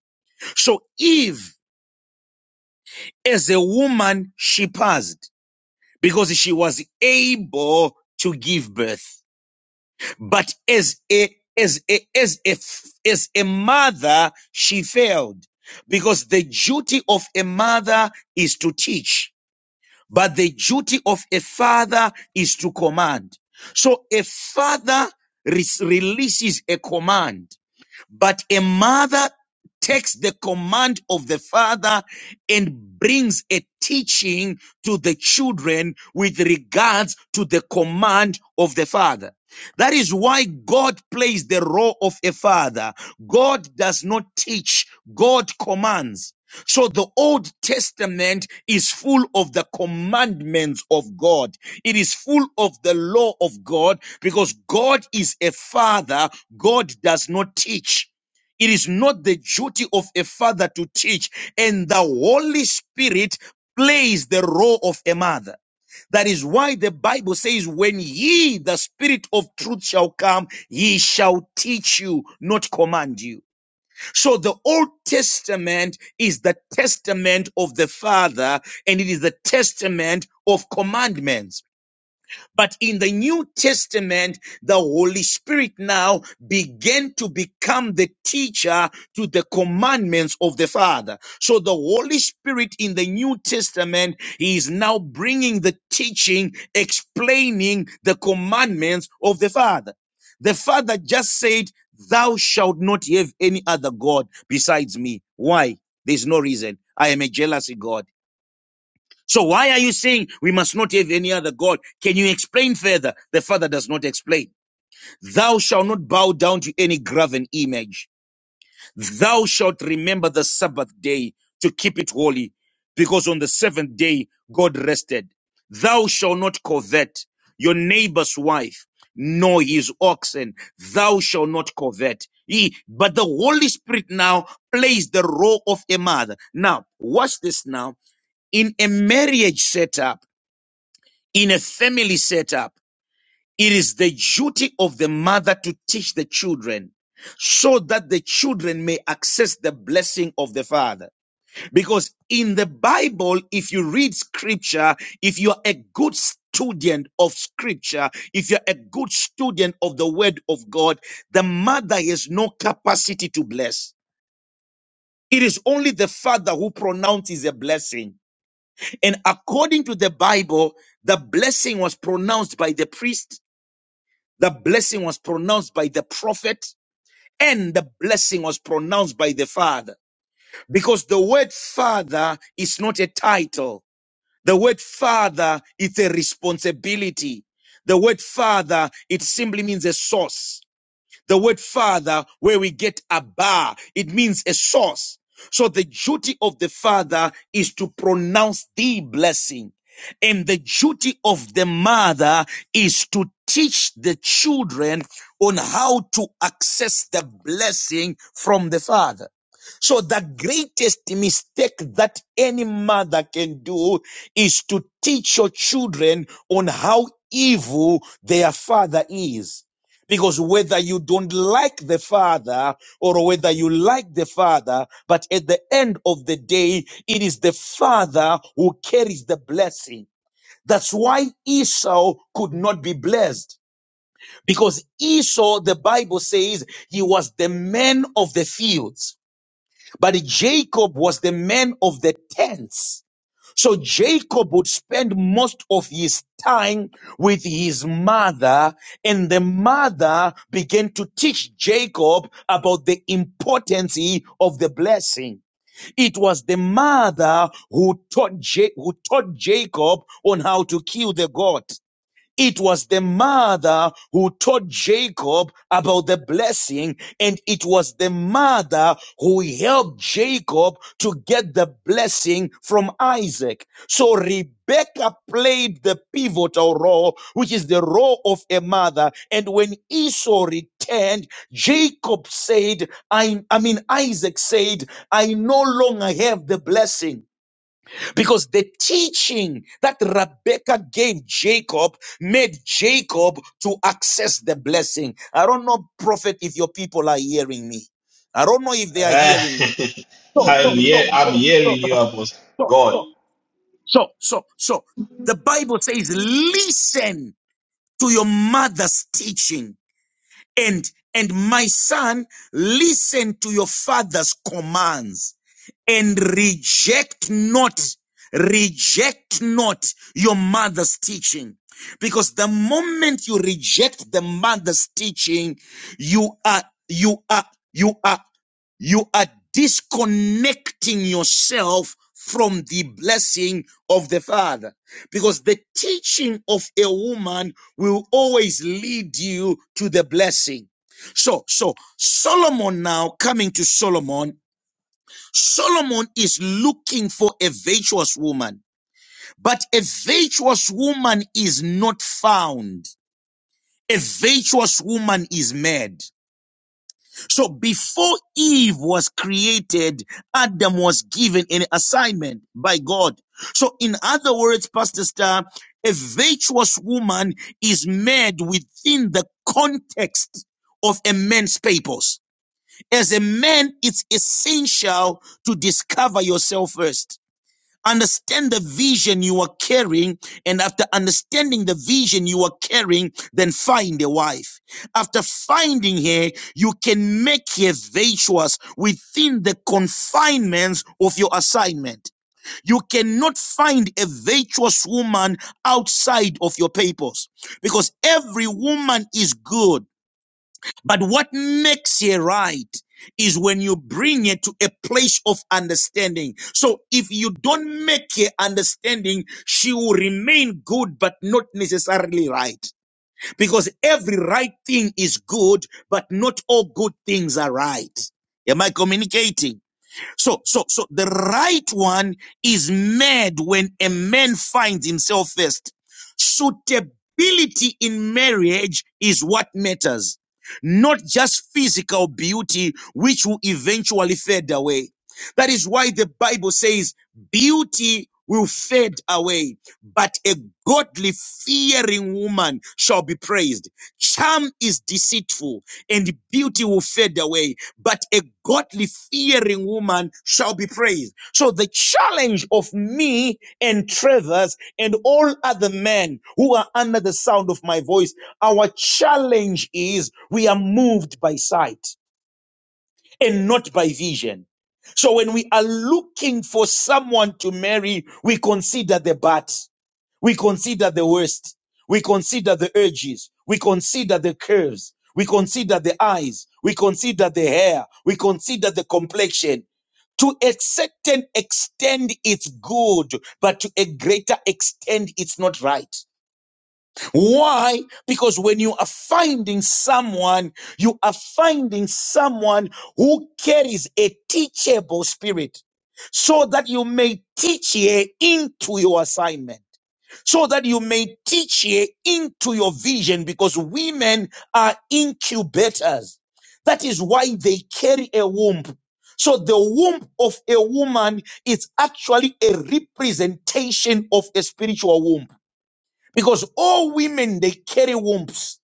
Speaker 6: So Eve, as a woman, she passed because she was able to give birth. But as a, as a, as a, as a mother, she failed because the duty of a mother is to teach. but the duty of a father is to command. So a father re- releases a command, but a mother takes the command of the father and brings a teaching to the children with regards to the command of the father. That is why God plays the role of a father. God does not teach, God commands. So the Old Testament is full of the commandments of God. It is full of the law of God because God is a father. God does not teach. It is not the duty of a father to teach. And the Holy Spirit plays the role of a mother. That is why the Bible says, when ye, the spirit of truth shall come, he shall teach you, not command you. So the Old Testament is the testament of the Father and it is the testament of commandments. But in the New Testament, the Holy Spirit now began to become the teacher to the commandments of the Father. So the Holy Spirit in the New Testament, he is now bringing the teaching, explaining the commandments of the Father. The Father just said, Thou shalt not have any other God besides me. Why? There's no reason. I am a jealousy God. So why are you saying we must not have any other God? Can you explain further? The Father does not explain. Thou shalt not bow down to any graven image. Thou shalt remember the Sabbath day to keep it holy, because on the seventh day God rested. Thou shalt not covet your neighbor's wife, nor his oxen. Thou shalt not covet. He, but the Holy Spirit now plays the role of a mother. Now, watch this now. In a marriage setup, in a family setup, it is the duty of the mother to teach the children so that the children may access the blessing of the father. Because in the Bible, if you read scripture, if you're a good student of scripture, if you're a good student of the word of God, the mother has no capacity to bless. It is only the father who pronounces a blessing. And according to the Bible, the blessing was pronounced by the priest The blessing was pronounced by the prophet and the blessing was pronounced by the father. Because the word father is not a title. The word father is a responsibility. The word father, it simply means a source. The word father, where we get Abba, it means a source. So the duty of the father is to pronounce the blessing. And the duty of the mother is to teach the children on how to access the blessing from the father. So the greatest mistake that any mother can do is to teach your children on how evil their father is. Because whether you don't like the Father or whether you like the Father, but at the end of the day, it is the Father who carries the blessing. That's why Esau could not be blessed. Because Esau, the Bible says, he was the man of the fields, but Jacob was the man of the tents. So Jacob would spend most of his time with his mother and the mother began to teach Jacob about the importance of the blessing. It was the mother who taught, Ja- who taught Jacob on how to kill the goat. It was the mother who taught Jacob about the blessing, and it was the mother who helped Jacob to get the blessing from Isaac. So Rebecca played the pivotal role, which is the role of a mother. And when Esau returned, Jacob said, I, I mean, Isaac said, I no longer have the blessing because the teaching that Rebecca gave Jacob made Jacob to access the blessing. I don't know, prophet, if your people are hearing me. I don't know if they are
Speaker 1: Eh,
Speaker 6: hearing me.
Speaker 1: [laughs]
Speaker 6: So, so,
Speaker 1: I'm
Speaker 6: so,
Speaker 1: here. I'm
Speaker 6: so, so,
Speaker 1: hearing you, Apostle.
Speaker 6: so,
Speaker 1: God.
Speaker 6: so, so, so, so. The Bible says, listen to your mother's teaching. And and my son, listen to your father's commands and reject not, reject not your mother's teaching. Because the moment you reject the mother's teaching, you are, you are, you are you are disconnecting yourself from the blessing of the father because the teaching of a woman will always lead you to the blessing so so solomon now coming to solomon solomon is looking for a virtuous woman but a virtuous woman is not found a virtuous woman is mad so before Eve was created, Adam was given an assignment by God. So in other words, Pastor Star, a virtuous woman is made within the context of a man's purpose. As a man, it's essential to discover yourself first. Understand the vision you are carrying, and after understanding the vision you are carrying, then find a wife. After finding her, you can make her virtuous within the confinements of your assignment. You cannot find a virtuous woman outside of your purpose because every woman is good but what makes it right is when you bring it to a place of understanding. So if you don't make her understanding, she will remain good, but not necessarily right. Because every right thing is good, but not all good things are right. Am I communicating? So, so, so the right one is made when a man finds himself first. Suitability in marriage is what matters, not just physical beauty, which will eventually fade away. That is why the Bible says beauty will fade away, but a godly fearing woman shall be praised. Charm is deceitful and beauty will fade away, but a godly fearing woman shall be praised. So the challenge of me and Travers and all other men who are under the sound of my voice, our challenge is we are moved by sight and not by vision. So when we are looking for someone to marry, we consider the bad. We consider the worst. We consider the urges. We consider the curves. We consider the eyes. We consider the hair. We consider the complexion. To a certain extent, it's good, but to a greater extent, it's not right. Why? Because when you are finding someone, you are finding someone who carries a teachable spirit so that you may teach here into your assignment. So that you may teach here into your vision because women are incubators. That is why they carry a womb. So the womb of a woman is actually a representation of a spiritual womb. Because all women, they carry wombs.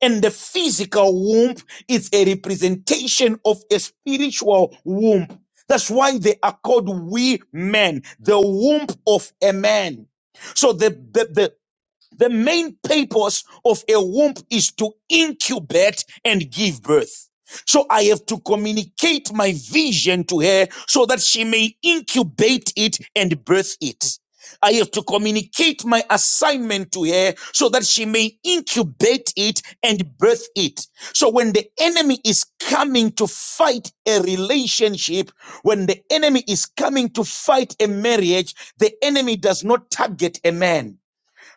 Speaker 6: And the physical womb is a representation of a spiritual womb. That's why they are called we men, the womb of a man. So the the the. The main purpose of a womb is to incubate and give birth. So I have to communicate my vision to her so that she may incubate it and birth it. I have to communicate my assignment to her so that she may incubate it and birth it. So when the enemy is coming to fight a relationship, when the enemy is coming to fight a marriage, the enemy does not target a man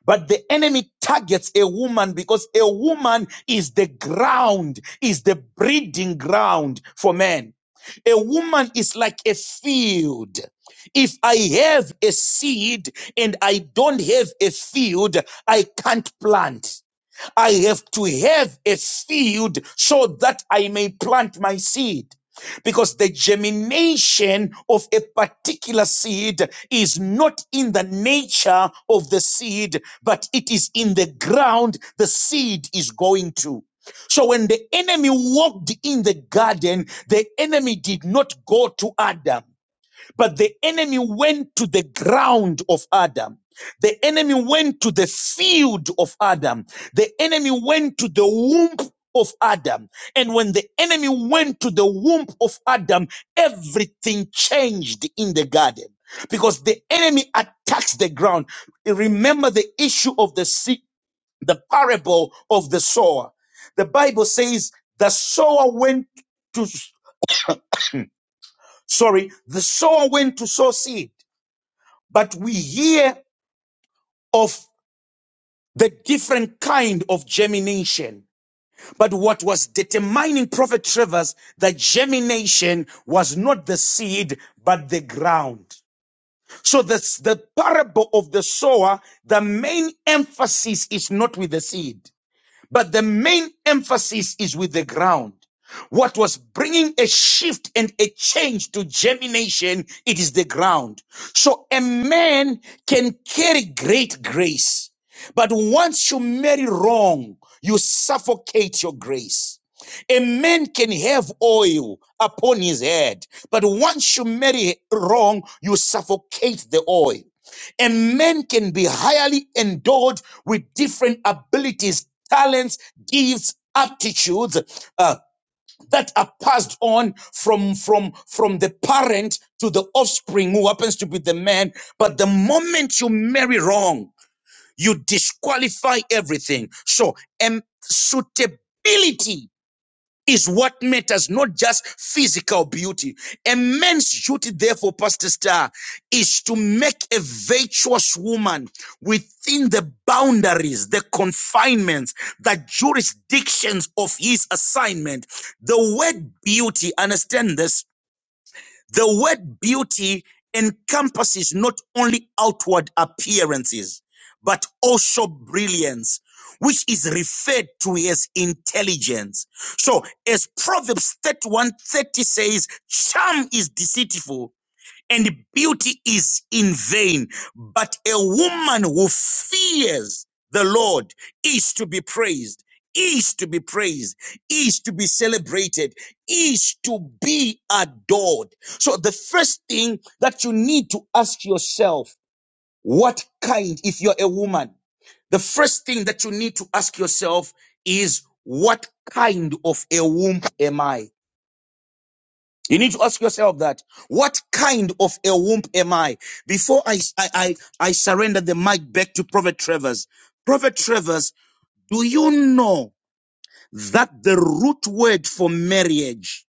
Speaker 6: but the enemy targets a woman because a woman is the ground, is the breeding ground for men. A woman is like a field. If I have a seed and I don't have a field, I can't plant. I have to have a field so that I may plant my seed. Because the germination of a particular seed is not in the nature of the seed, but it is in the ground the seed is going to. So when the enemy walked in the garden, the enemy did not go to Adam. But the enemy went to the ground of Adam. The enemy went to the field of Adam. The enemy went to the womb of Adam. And when the enemy went to the womb of Adam, everything changed in the garden because the enemy attacks the ground. Remember the issue of the seed, the parable of the sower. The Bible says the sower went to, sorry, the sower went to sow seed but we hear of the different kind of germination. But what was determining Prophet Trevor's that germination was not the seed, but the ground. So this, the parable of the sower, the main emphasis is not with the seed. But the main emphasis is with the ground. What was bringing a shift and a change to germination, it is the ground. So a man can carry great grace, but once you marry wrong, you suffocate your grace. A man can have oil upon his head, but once you marry wrong, you suffocate the oil. A man can be highly endowed with different abilities, talents, gifts, aptitudes uh, that are passed on from from from the parent to the offspring who happens to be the man. But the moment you marry wrong, you disqualify everything. So, um, suitability is what matters, not just physical beauty. A man's duty, therefore, Pastor Star, is to make a virtuous woman within the boundaries, the confinements, the jurisdictions of his assignment. The word beauty, understand this the word beauty encompasses not only outward appearances, but also brilliance, which is referred to as intelligence. So as Proverbs 31:30 says, charm is deceitful and beauty is in vain. But a woman who fears the Lord is to be praised, is to be praised, is to be celebrated, is to be adored. So the first thing that you need to ask yourself, what kind, if you're a woman, the first thing that you need to ask yourself is, what kind of a womb am I? You need to ask yourself that what kind of a womb am I? Before I, I, I, I surrender the mic back to Prophet Travers. Prophet Travers, do you know that the root word for marriage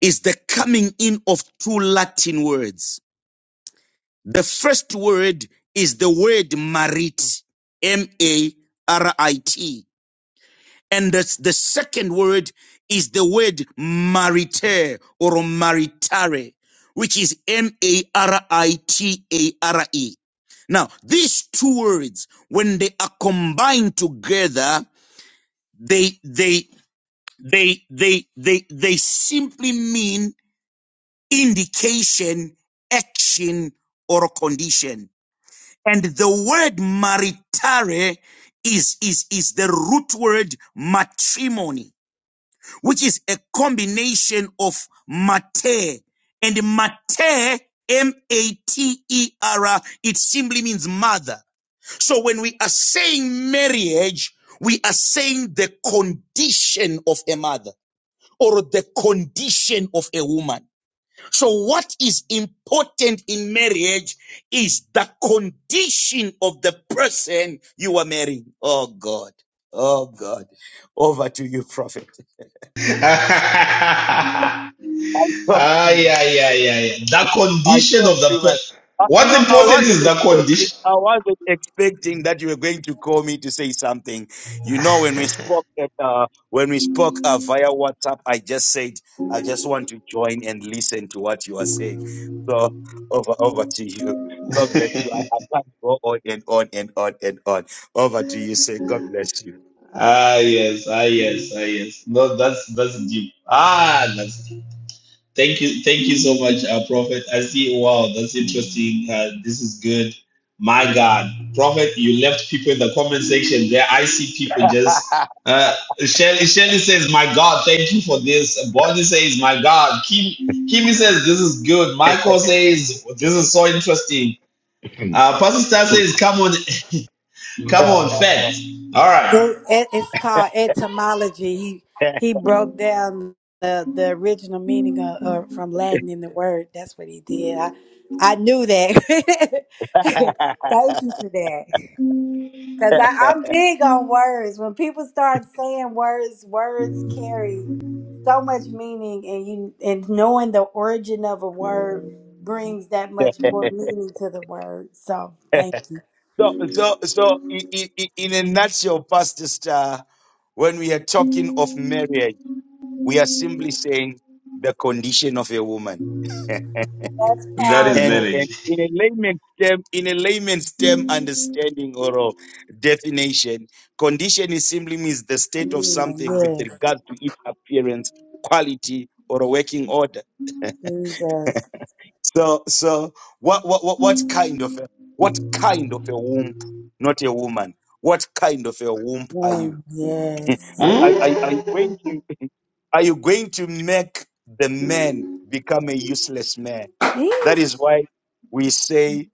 Speaker 6: is the coming in of two Latin words? The first word is the word marit, M A R I T. And the, the second word is the word mariter or maritare, which is M-A-R-I-T-A-R-E. Now, these two words, when they are combined together, they, they, they, they, they, they simply mean indication, action, or condition. And the word maritare is, is, is the root word matrimony which is a combination of mater and mater m-a-t-e-r it simply means mother so when we are saying marriage we are saying the condition of a mother or the condition of a woman so what is important in marriage is the condition of the person you are marrying oh god oh god over to you prophet
Speaker 1: [laughs] ah,
Speaker 6: I talk
Speaker 1: yeah,
Speaker 6: too much.
Speaker 1: yeah, yeah, yeah. The
Speaker 6: I
Speaker 1: condition
Speaker 6: talk
Speaker 1: of the
Speaker 6: too much.
Speaker 1: person.
Speaker 6: Uh, you
Speaker 1: What's
Speaker 6: know, I
Speaker 1: important
Speaker 6: wasn't
Speaker 1: is the condition.
Speaker 6: expecting. I wasn't expecting that you were going to call me to say something. You know, when we spoke at uh, when we spoke uh, via WhatsApp, I just said I just want to join and listen to what you are saying. So over over to you. God bless you. I, I can't go on and on and on and on. Over to you. Say God bless you.
Speaker 1: Ah yes, ah yes, ah yes. No, that's that's deep. Ah, that's deep. Thank you, thank you so much, uh, Prophet. I see. Wow, that's interesting. Uh, this is good. My God, Prophet, you left people in the comment section there. I see people just. Uh, Shelly, Shelly says, "My God, thank you for this." Bonnie says, "My God." Kim, Kimmy says, "This is good." Michael says, "This is so interesting." Uh, Pastor Star says, "Come on, [laughs] come on, fact." All right,
Speaker 5: It, it, it's called etymology. He
Speaker 6: [laughs]
Speaker 5: he broke down the the original meaning of, of from Latin in the word. That's what he did. I I knew that. [laughs] Thank you for that. Cause I, I'm big on words. When people start saying words, words carry so much meaning, and you and knowing the origin of a word brings that much more meaning to the word. So
Speaker 6: [laughs]
Speaker 5: thank you.
Speaker 6: So, so, so, i- i- i- in a nutshell, Pastor Star, when we are talking of marriage, we are simply saying the condition of a woman.
Speaker 5: That's
Speaker 1: that is
Speaker 6: And,
Speaker 5: powerful.
Speaker 6: and
Speaker 1: marriage.
Speaker 6: in a layman's term, in a layman's term understanding or uh, definition, condition is simply means the state of
Speaker 5: Being
Speaker 6: something with
Speaker 5: yes.
Speaker 6: regard to its appearance, quality, or a working order.
Speaker 5: Jesus.
Speaker 6: So, so, what, what, what what kind of a, what kind of a womb, not a woman, what kind of a womb are you?
Speaker 5: name, Yes.
Speaker 6: Are, are,
Speaker 1: Hmm?
Speaker 6: are are you going to [laughs] are you going to make the man become a useless man? That is
Speaker 5: Eesh.
Speaker 6: why we say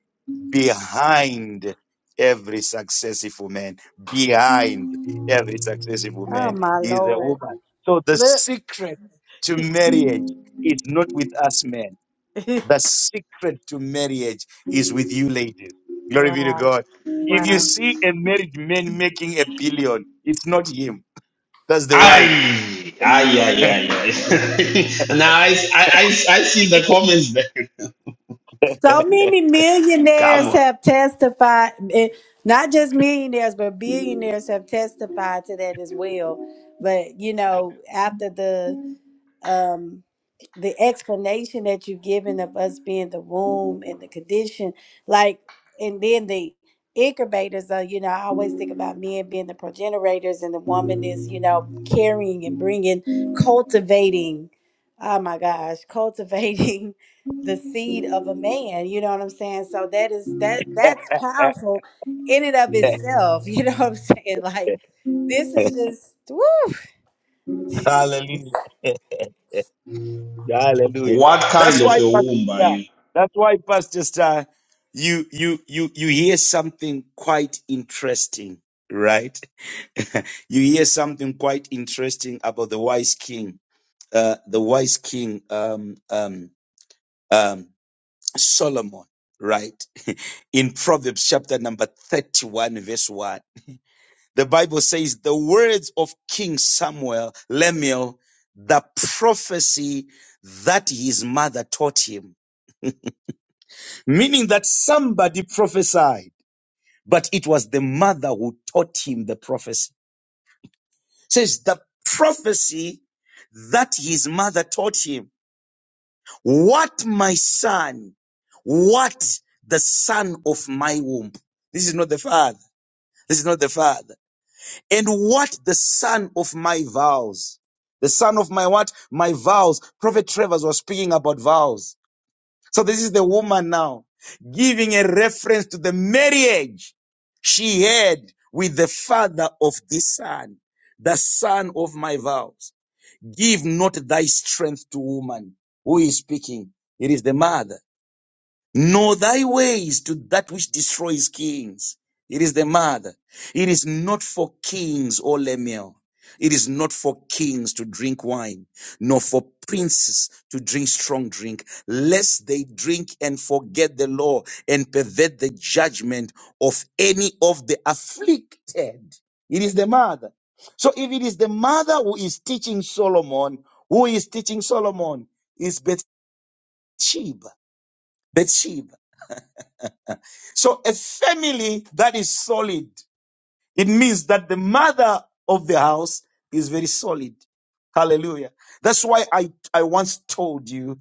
Speaker 6: behind every successful man, behind every successful
Speaker 5: Oh
Speaker 6: man
Speaker 5: my
Speaker 6: is a
Speaker 5: Lord.
Speaker 6: woman. So the
Speaker 5: Look.
Speaker 6: secret to marriage is not with us men.
Speaker 5: [laughs]
Speaker 6: The secret to marriage is with you ladies. Glory be to
Speaker 5: wow.
Speaker 6: God. If you
Speaker 5: Wow.
Speaker 6: see a married man making a billion, it's not him that's the wife.
Speaker 1: Ay, ay, ay, ay, ay. [laughs] now I, I, I, I see the comments there.
Speaker 5: So
Speaker 6: [laughs]
Speaker 5: many
Speaker 1: [laughs] Come
Speaker 5: millionaires
Speaker 1: on.
Speaker 5: have testified, eh, not just millionaires, but billionaires have testified to that as well. But, you know, after the um the explanation that you've given of us being the womb and the condition like and then the incubators are you know i always think about men being the progenitors and the woman is you know carrying and bringing cultivating oh my gosh cultivating [laughs] the seed of a man you know what i'm saying so that is that that's powerful in and of itself [laughs] you know what i'm saying like this is just woo. [laughs] Yes.
Speaker 6: Hallelujah. [laughs] Hallelujah.
Speaker 1: What
Speaker 6: That's
Speaker 1: kind of
Speaker 6: why,
Speaker 1: a
Speaker 6: Pastor,
Speaker 1: womb are
Speaker 6: Star.
Speaker 1: you?
Speaker 6: that's why, Pastor Star, you, you, you, you hear something quite interesting, right? [laughs] you hear something quite interesting about the wise king, uh, the wise king, um, um, um, Solomon, right? [laughs] In Proverbs chapter number 31, verse 1. The Bible says the words of King Samuel, Lemuel, the prophecy that his mother taught him, meaning that somebody prophesied, but it was the mother who taught him the prophecy. It Says the prophecy that his mother taught him. What my son, what the son of my womb. This is not the father. This is not the father. and what the son of my vows. The son of my what? My vows. Prophet Travers was speaking about vows. So this is the woman now giving a reference to the marriage she had with the father of this son, the son of my vows. Give not thy strength to woman. Who is speaking? It is the mother. Know thy ways to that which destroys kings. It is the mother. It is not for kings, O Lemuel. It is not for kings to drink wine, nor for princes to drink strong drink, lest they drink and forget the law and pervert the judgment of any of the afflicted. It is the mother. So if it is the mother who is teaching Solomon, who is teaching Solomon is Bathsheba. Bathsheba. So a family that is solid, it means that the mother of the house is very solid. Hallelujah. That's why I, I once told you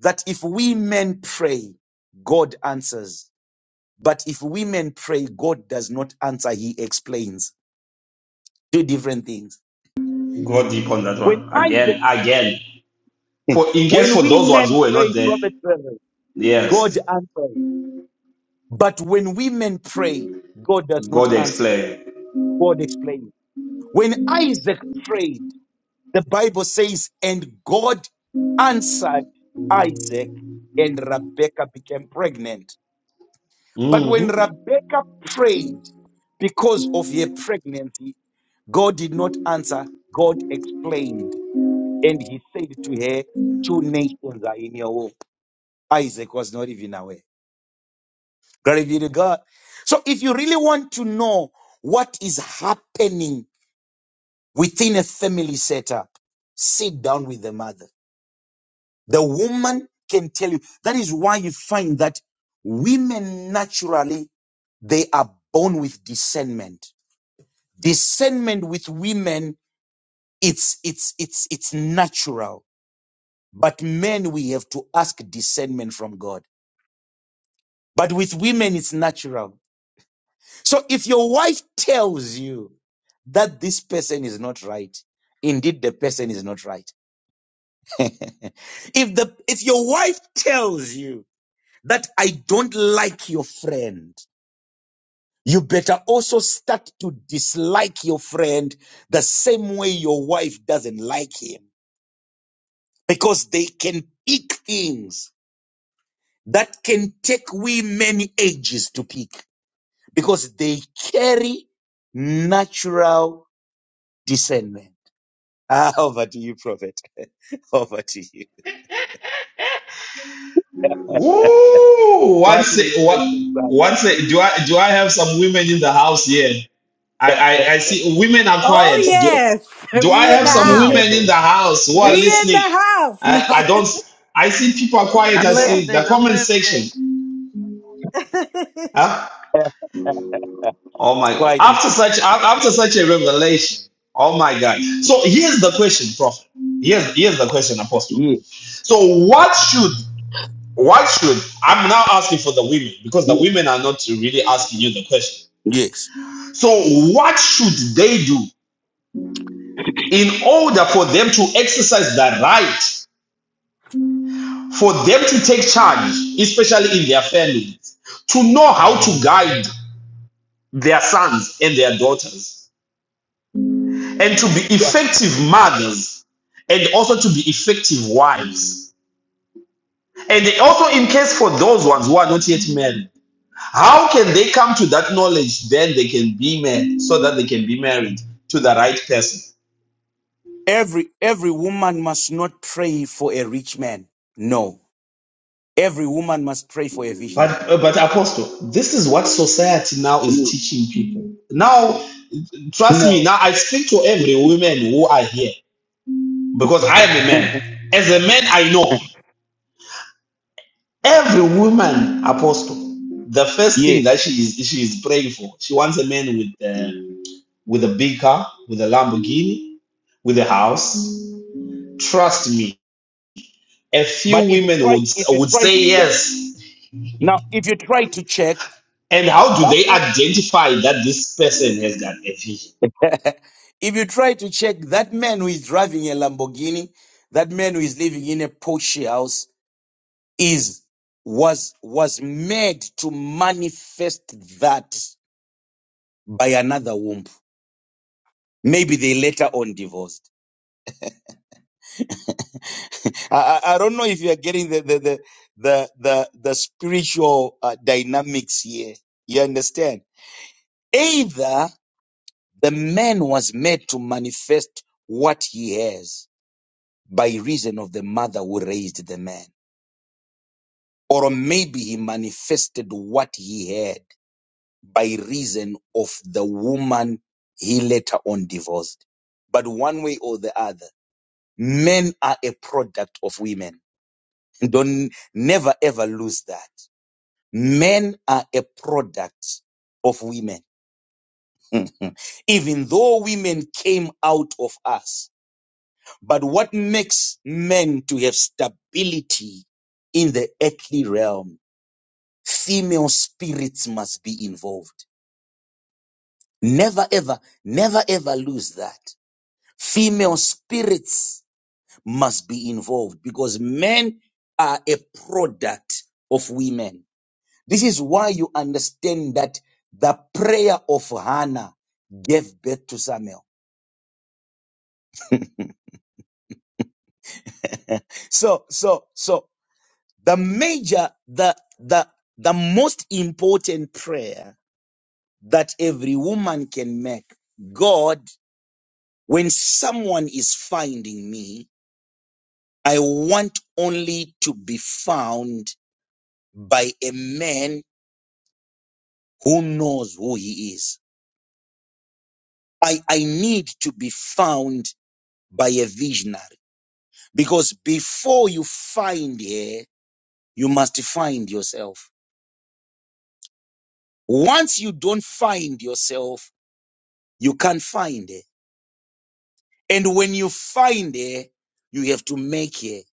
Speaker 6: that if we men pray, God answers. But if women pray, God does not answer. He explains two different things.
Speaker 1: Go deep on that
Speaker 6: When
Speaker 1: one. Again,
Speaker 6: Isaac,
Speaker 1: again. For
Speaker 6: [laughs]
Speaker 1: In case
Speaker 6: when
Speaker 1: for
Speaker 6: we
Speaker 1: those ones
Speaker 6: men
Speaker 1: who were not
Speaker 6: pray,
Speaker 1: there.
Speaker 6: prophet, Trevor,
Speaker 1: Yes.
Speaker 6: God answers. But when women pray, God does not
Speaker 1: God
Speaker 6: answer.
Speaker 1: explain.
Speaker 6: God explains. When Isaac prayed, the Bible says, and God answered Isaac, and Rebekah became pregnant. But when
Speaker 1: Mm-hmm.
Speaker 6: Rebekah prayed because of her pregnancy, God did not answer. God explained, and he said to her, Two nations are in your womb. Isaac was not even aware. Glory be to God. So if you really want to know what is happening within a family setup, sit down with the mother. The woman can tell you. That is why you find that women naturally, they are born with discernment. Discernment with women, it's, it's, it's, it's natural. But men, we have to ask discernment from God. But with women, it's natural. So if your wife tells you that this person is not right, indeed the person is not right. [laughs] if the, if your wife tells you that I don't like your friend, You better also start to dislike your friend the same way your wife doesn't like him because they can pick things that can take we many ages to pick because they carry natural discernment. Ah, [laughs] over to you, Prophet. [laughs] Over to you.
Speaker 1: Ooh,
Speaker 6: Quite
Speaker 1: what's
Speaker 6: an
Speaker 1: it, what,
Speaker 6: interesting
Speaker 1: what's it? Do I, do I have some women in the house here? I,
Speaker 6: side.
Speaker 1: I, I see women are quiet.
Speaker 5: Oh
Speaker 1: Do,
Speaker 5: yes, [laughs]
Speaker 1: Do I
Speaker 5: we in the
Speaker 1: have some
Speaker 5: house.
Speaker 1: women in the house
Speaker 6: [laughs]
Speaker 1: who are
Speaker 5: We
Speaker 6: That's
Speaker 5: in
Speaker 1: listening?
Speaker 5: the
Speaker 1: I,
Speaker 5: house.
Speaker 1: I don't. I see people are quiet.
Speaker 7: I'm
Speaker 1: I
Speaker 8: Yeah,
Speaker 1: see the
Speaker 7: listening. I'm
Speaker 1: comment
Speaker 7: listening.
Speaker 1: section.
Speaker 5: [laughs] No.
Speaker 1: Huh? Oh my! God.
Speaker 6: quite
Speaker 1: After such after such a revelation. Oh my God! So here's the question, Prophet. Here's here's the question, Apostle.
Speaker 6: yeah,
Speaker 1: So what should what should I'm now asking for the women because the
Speaker 6: yeah.
Speaker 1: women are not really asking you the question.
Speaker 6: yes.
Speaker 1: So what should they do in order for them to exercise the right? for them to take charge, especially in their families, to know how to guide their sons and their daughters, and to be effective mothers, and also to be effective wives. And also, in case for those ones who are not yet married, how can they come to that knowledge? Then they can be married, so that they can be married to the right person.
Speaker 6: Every every woman must not pray for a rich man. No Every woman must pray for a visionary.
Speaker 1: But uh, but Apostle, this is what society now is
Speaker 6: You-
Speaker 1: teaching people. Now, trust me.
Speaker 6: No.
Speaker 1: Now I speak to every woman who are here. because I am a
Speaker 6: [laughs]
Speaker 1: man. As a man, I know every woman apostle. The first
Speaker 6: yes,
Speaker 1: thing that she is she is praying for, she wants a man with uh, with a big car, with a Lamborghini, with a house. Trust me, a few
Speaker 6: But if you
Speaker 1: women
Speaker 6: try,
Speaker 1: would
Speaker 6: if you
Speaker 1: would
Speaker 6: try
Speaker 1: say
Speaker 6: to check,
Speaker 1: yes.
Speaker 6: now, if you try to check,
Speaker 1: And how do
Speaker 6: that,
Speaker 1: they
Speaker 6: wo-
Speaker 1: identify that this person has got a vision?
Speaker 6: if you try to check that man who is driving a Lamborghini, that man who is living in a Porsche house is, was, was made to manifest that by another womb. Maybe they later on divorced. [laughs] I, I I don't know if you are getting the the the the the, the spiritual uh, dynamics here. You understand? Either the man was made to manifest what he has by reason of the mother who raised the man, or maybe he manifested what he had by reason of the woman he later on divorced. But one way or the other, men are a product of women. [laughs] Don't never ever lose that Men are a product of women. [laughs] Even though women came out of us. But what makes men to have stability in the earthly realm? Female spirits must be involved. Never ever, never ever lose that. Female spirits must be involved because men are a product of women. This is why you understand that the prayer of Hannah gave birth to Samuel. [laughs] So, so, so the major, the, the, the most important prayer that every woman can make, God, when someone is finding me, I want only to be found by a man who knows who he is. I, I need to be found by a visionary. Because before you find here, you must find yourself. Once you don't find yourself, you can't find it. And when you find it, you have to make it.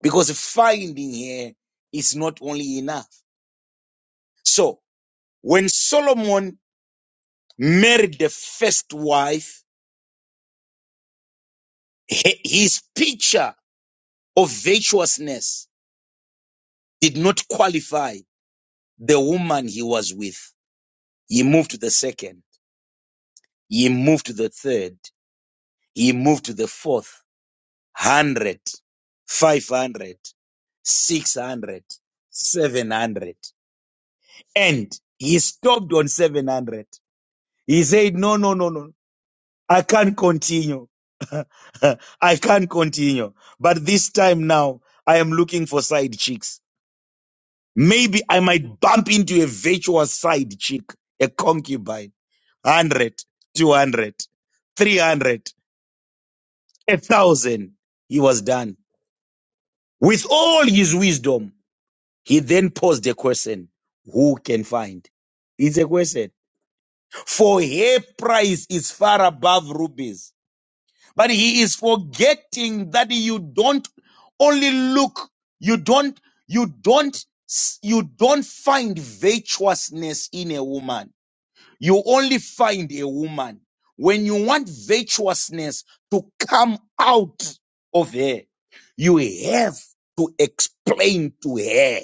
Speaker 6: Because finding here is not only enough. So when Solomon married the first wife, he- his picture of virtuousness did not qualify the woman he was with. He moved to the second. He moved to the third. He moved to the fourth, one hundred, five hundred, six hundred, seven hundred, And he stopped on 700. He said, no, no, no, no. I can't continue. [laughs] I can't continue. But this time now, I am looking for side chicks. Maybe I might bump into a virtual side chick, a concubine. 100, 200, 300, a 1,000. He was done. With all his wisdom, he then posed a question Who can find? It's a question. For her price is far above rubies. But he is forgetting that you don't only look, you don't, you don't, you don't find virtuousness in a woman you only find a woman when you want virtuousness to come out of her. You have to explain to her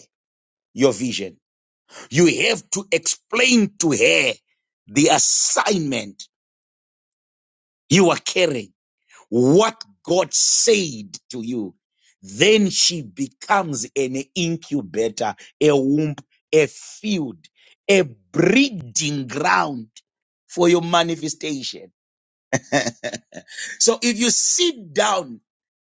Speaker 6: your vision. You have to explain to her the assignment you are carrying, what God said to you. Then she becomes an incubator, a womb, a field, a breeding ground for your manifestation. [laughs] so if you sit down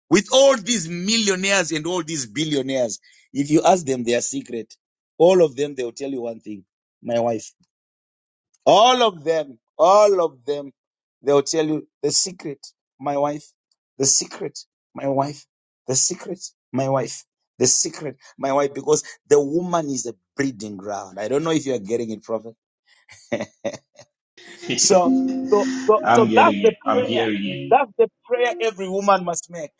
Speaker 6: with all these millionaires and all these billionaires, if you ask them their secret, all of them, they'll tell you one thing. My wife. All of them, all of them, they'll tell you the secret, my wife, the secret, my wife, the secret, my wife, the secret, my wife, because the woman is a breeding ground. I don't know if you are getting it, Prophet. [laughs]
Speaker 1: [laughs]
Speaker 6: so, so, so,
Speaker 1: I'm
Speaker 6: so that's
Speaker 1: getting
Speaker 6: the
Speaker 1: it. I'm
Speaker 6: prayer.
Speaker 1: hearing it.
Speaker 6: That's the prayer every woman must make.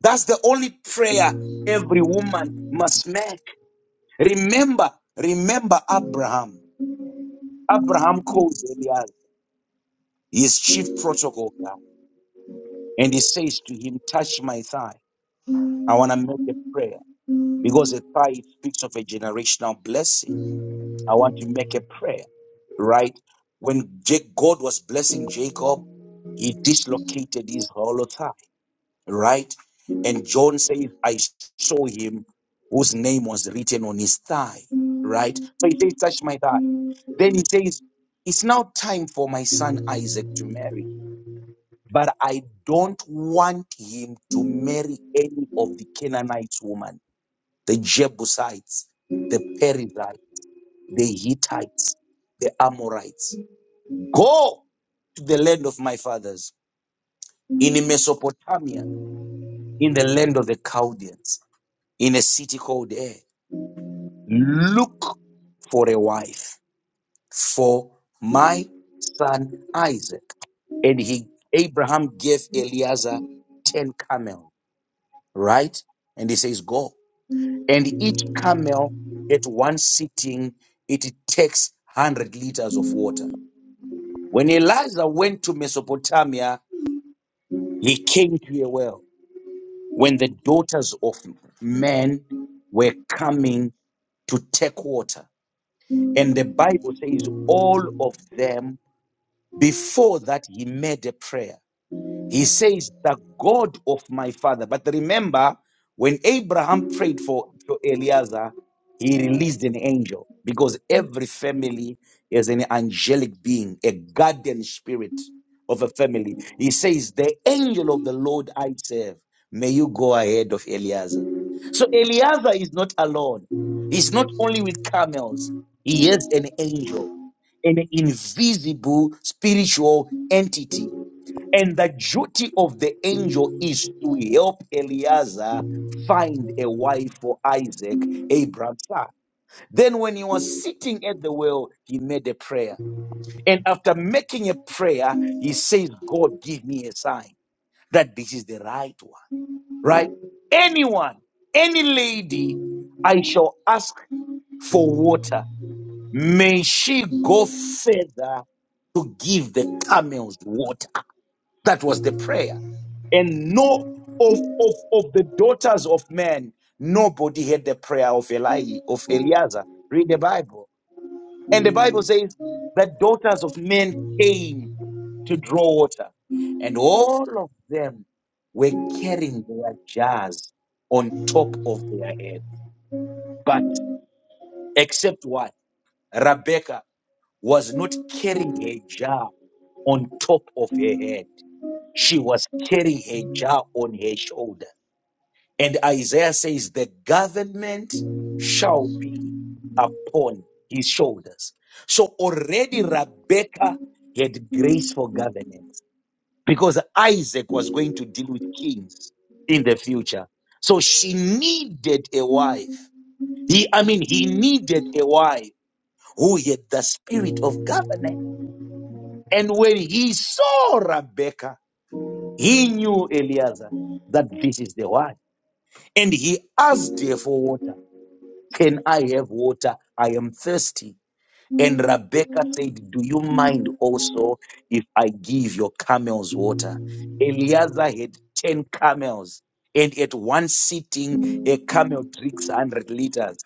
Speaker 6: That's the only prayer every woman must make. Remember, remember Abraham. Abraham calls Elias his chief protocol guy, and he says to him, Touch my thigh. I want to make a prayer because a thigh speaks of a generational blessing. I want to make a prayer, right? When Ja- God was blessing Jacob, he dislocated his hollow thigh. right? And John says, I saw him whose name was written on his thigh, right? So he says, Touch my thigh. Then he says, It's now time for my son Isaac to marry, but I don't want him to marry any of the Canaanites women, the Jebusites, the Perizzites, the Hittites, the Amorites. Go to the land of my fathers in Mesopotamia, in the land of the Chaldeans. in a city called there. Look for a wife for my son Isaac. And he, Abraham gave Eliezer 10 camels, right? And he says, go. And each camel at one sitting, it takes 100 liters of water. When Eliezer went to Mesopotamia, he came to a well when the daughters of men were coming to take water And the Bible says all of them, before that, he made a prayer. He says, the God of my father. But remember, when Abraham prayed for, for Eliezer, he released an angel because every family is an angelic being, a guardian spirit of a family. He says, the angel of the Lord I serve, may you go ahead of Eliezer. So Eliezer is not alone. He's not only with camels. He has an angel, an invisible spiritual entity and the duty of the angel is to help Eleazar find a wife for Isaac, Abraham's son. Then, when he was sitting at the well, he made a prayer. And after making a prayer, he says, God, give me a sign that this is the right one, right? Anyone, any lady, I shall ask for water. May she go further to give the camels water. That was the prayer. And no of, of, of the daughters of men, nobody had the prayer of Eli, of Eleazar. Read the Bible. And the Bible says the daughters of men came to draw water. And all of them were carrying their jars on top of their head. But except what? Rebecca was not carrying her jar on top of her head. She was carrying her jar on her shoulder And Isaiah says, The government shall be upon his shoulders. So already Rebecca had grace for governance because Isaac was going to deal with kings in the future. So she needed a wife. He, I mean, he needed a wife who had the spirit of governance. And when he saw Rebecca, he knew Eliezer that this is the one. And he asked her for water. Can I have water? I am thirsty. And Rebecca said, Do you mind also if I give your camels water? Eliezer had 10 camels, and at one sitting, a camel drinks 100 liters.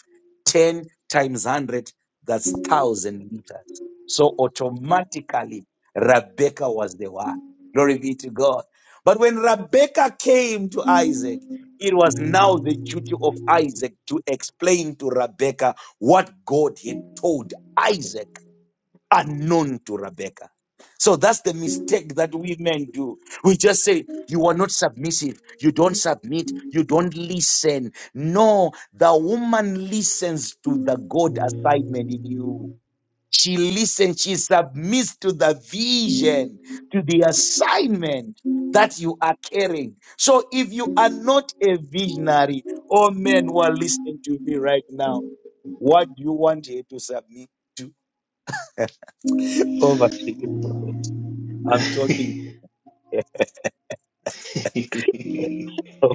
Speaker 6: 10 times 100, that's 1,000 liters. So automatically, Rebecca was the one. Glory be to God. But when Rebecca came to Isaac, it was now the duty of Isaac to explain to Rebecca what God had told Isaac unknown to Rebecca. So that's the mistake that we men do. We just say, You are not submissive. You don't submit. You don't listen. No, the woman listens to the God assignment in you. She listens. She submits to the vision, to the assignment that you are carrying. So if you are not a visionary, oh men who are listening to me right now, what do you want her to submit to? Over to you. [laughs] I'm talking to you.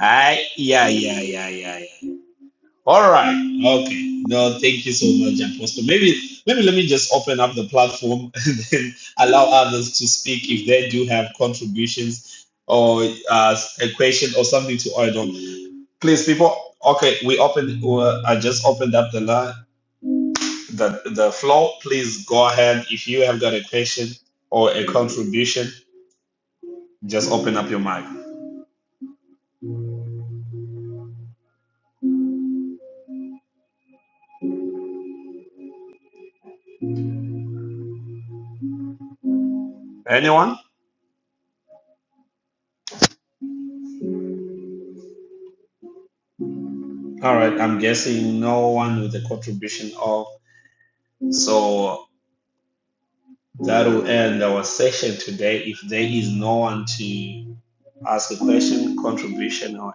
Speaker 1: I yeah yeah yeah yeah yeah. All right. Okay. No, thank you so much, Apostle. Maybe, maybe let me just open up the platform [laughs] and then allow others to speak if they do have contributions or uh, a question or something to add on. Please, people. Okay, we opened. Uh, I just opened up the line, the the floor. Please go ahead if you have got a question or a contribution. Just open up your mic. Anyone? All right. I'm guessing no one with a contribution of. So That will end our session today. If there is no one to ask a question, contribution, or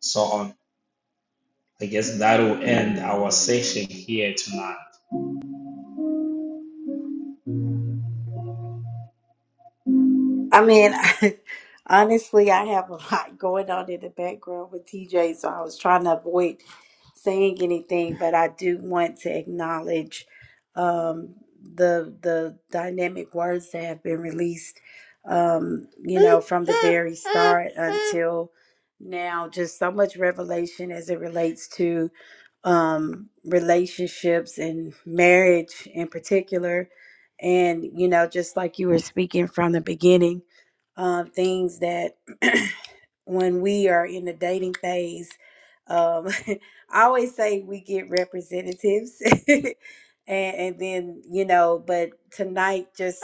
Speaker 1: so on, I guess that will end our session here tonight.
Speaker 5: I mean, [laughs] honestly, I have a lot going on in the background with TJ, so I was trying to avoid saying anything, but I do want to acknowledge um, the the dynamic words that have been released, um, you know, from the very start until now. Just so much revelation as it relates to um, relationships and marriage in particular. And, you know, just like you were speaking from the beginning, uh, things that [clears throat] when we are in the dating phase, um, [laughs] I always say we get representatives, [laughs] and, and then you know, but tonight just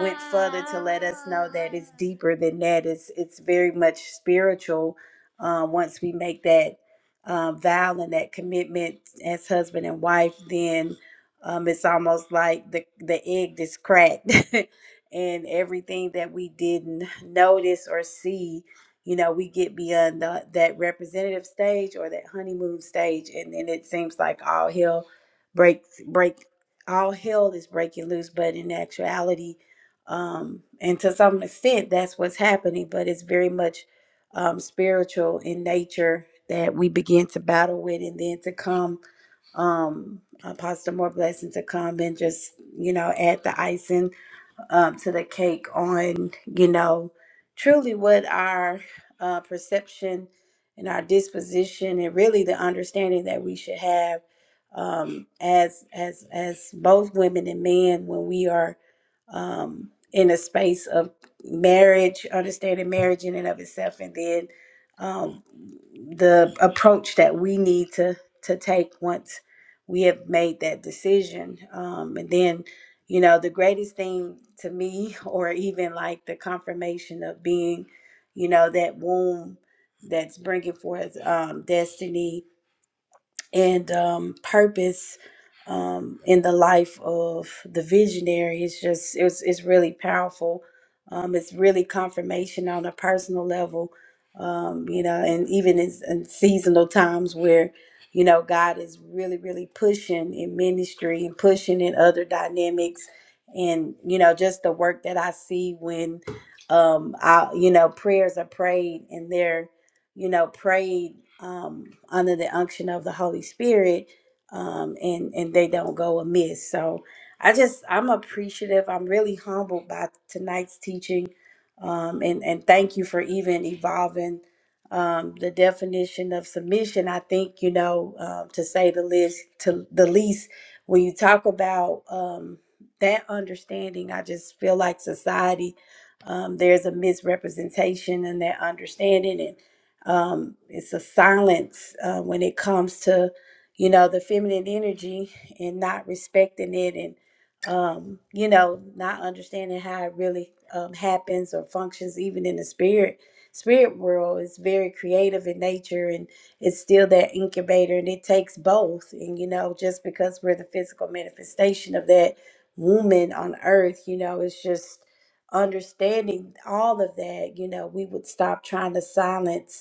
Speaker 5: went further to let us know that it's deeper than that. It's it's very much spiritual. Uh, once we make that um, vow and that commitment as husband and wife, then um, it's almost like the the egg is cracked. [laughs] and everything that we didn't notice or see you know we get beyond the, that representative stage or that honeymoon stage and then it seems like all hell breaks break all hell is breaking loose but in actuality um and to some extent that's what's happening but it's very much um spiritual in nature that we begin to battle with and then to come um apostle more blessing to come and just you know add the icing um, to the cake on, you know, truly what our uh, perception and our disposition and really the understanding that we should have um, as as as both women and men when we are um, in a space of marriage, understanding marriage in and of itself, and then um, the approach that we need to to take once we have made that decision, um, and then you know, the greatest thing to me, [laughs] or even like the confirmation of being, you know, that womb that's bringing forth um, destiny and um, purpose um, in the life of the visionary is just it's it's really powerful. Um, it's really confirmation on a personal level, um, you know, and even in, in seasonal times where you know God is really really pushing in ministry and pushing in other dynamics, and you know just the work that I see when um, I you know prayers are prayed and they're you know, prayed um, under the unction of the Holy Spirit, um, and and they don't go amiss. So I just I'm appreciative. I'm really humbled by tonight's teaching, um, and and thank you for even evolving um, the definition of submission. I think you know um, to say the least to the least when you talk about um, that understanding, I just feel like society. Um, there's a misrepresentation in that understanding, and um, it's a silence uh, when it comes to you know the feminine energy and not respecting it and um, you know not understanding how it really um, happens or functions even in the spirit spirit world is very creative in nature and it's still that incubator and it takes both and you know just because we're the physical manifestation of that woman on earth you know it's just understanding all of that you know we would stop trying to silence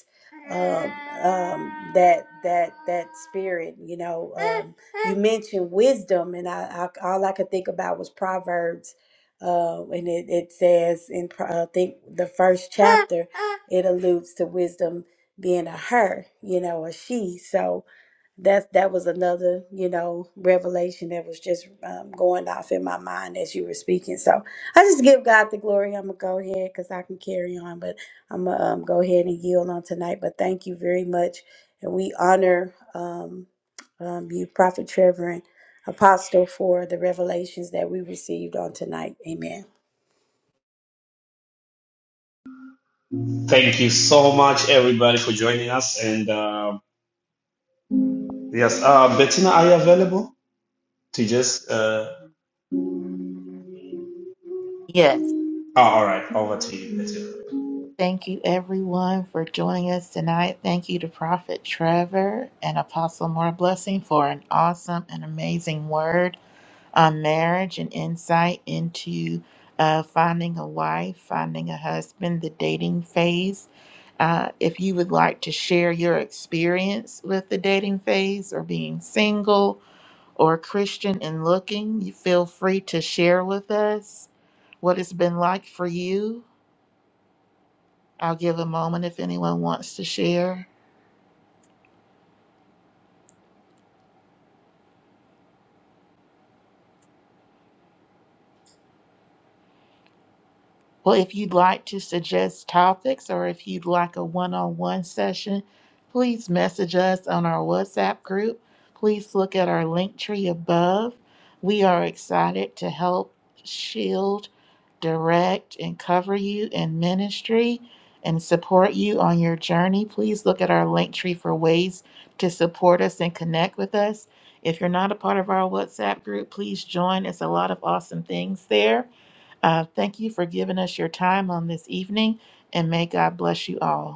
Speaker 5: um, um, that that that spirit. You know, um, you mentioned wisdom, and I, I all I could think about was Proverbs, uh, and it, it says in Pro- I think the first chapter, it alludes to wisdom being a her, you know, a she. So that's that was another, you know, revelation that was just um, going off in my mind as you were speaking. So I just give God the glory. I'm gonna go ahead because I can carry on, but I'm gonna um, go ahead and yield on tonight. But thank you very much, and we honor um, um, you, Prophet Trevor and Apostle, for the revelations that we received on tonight. Amen.
Speaker 1: Thank you so much, everybody, for joining us. And uh, yes, uh, Bettina, are you available to just? Uh,
Speaker 4: Yes.
Speaker 1: oh, all right, over to you, Bettina.
Speaker 4: Thank you, everyone, for joining us tonight. Thank you to Prophet Trevor and Apostle More Blessing for an awesome and amazing word on marriage and insight into uh, finding a wife, finding a husband, the dating phase. Uh, if you would like to share your experience with the dating phase or being single, or Christian in Looking, you feel free to share with us what it's been like for you. I'll give a moment if anyone wants to share. Well, if you'd like to suggest topics or if you'd like a one on one session, please message us on our WhatsApp group. Please look at our link tree above. We are excited to help shield direct, and cover you in ministry and support you on your journey, please look at our link tree for ways to support us and connect with us. If you're not a part of our WhatsApp group, please join. It's a lot of awesome things there. Uh, thank you for giving us your time on this evening, and may God bless you all.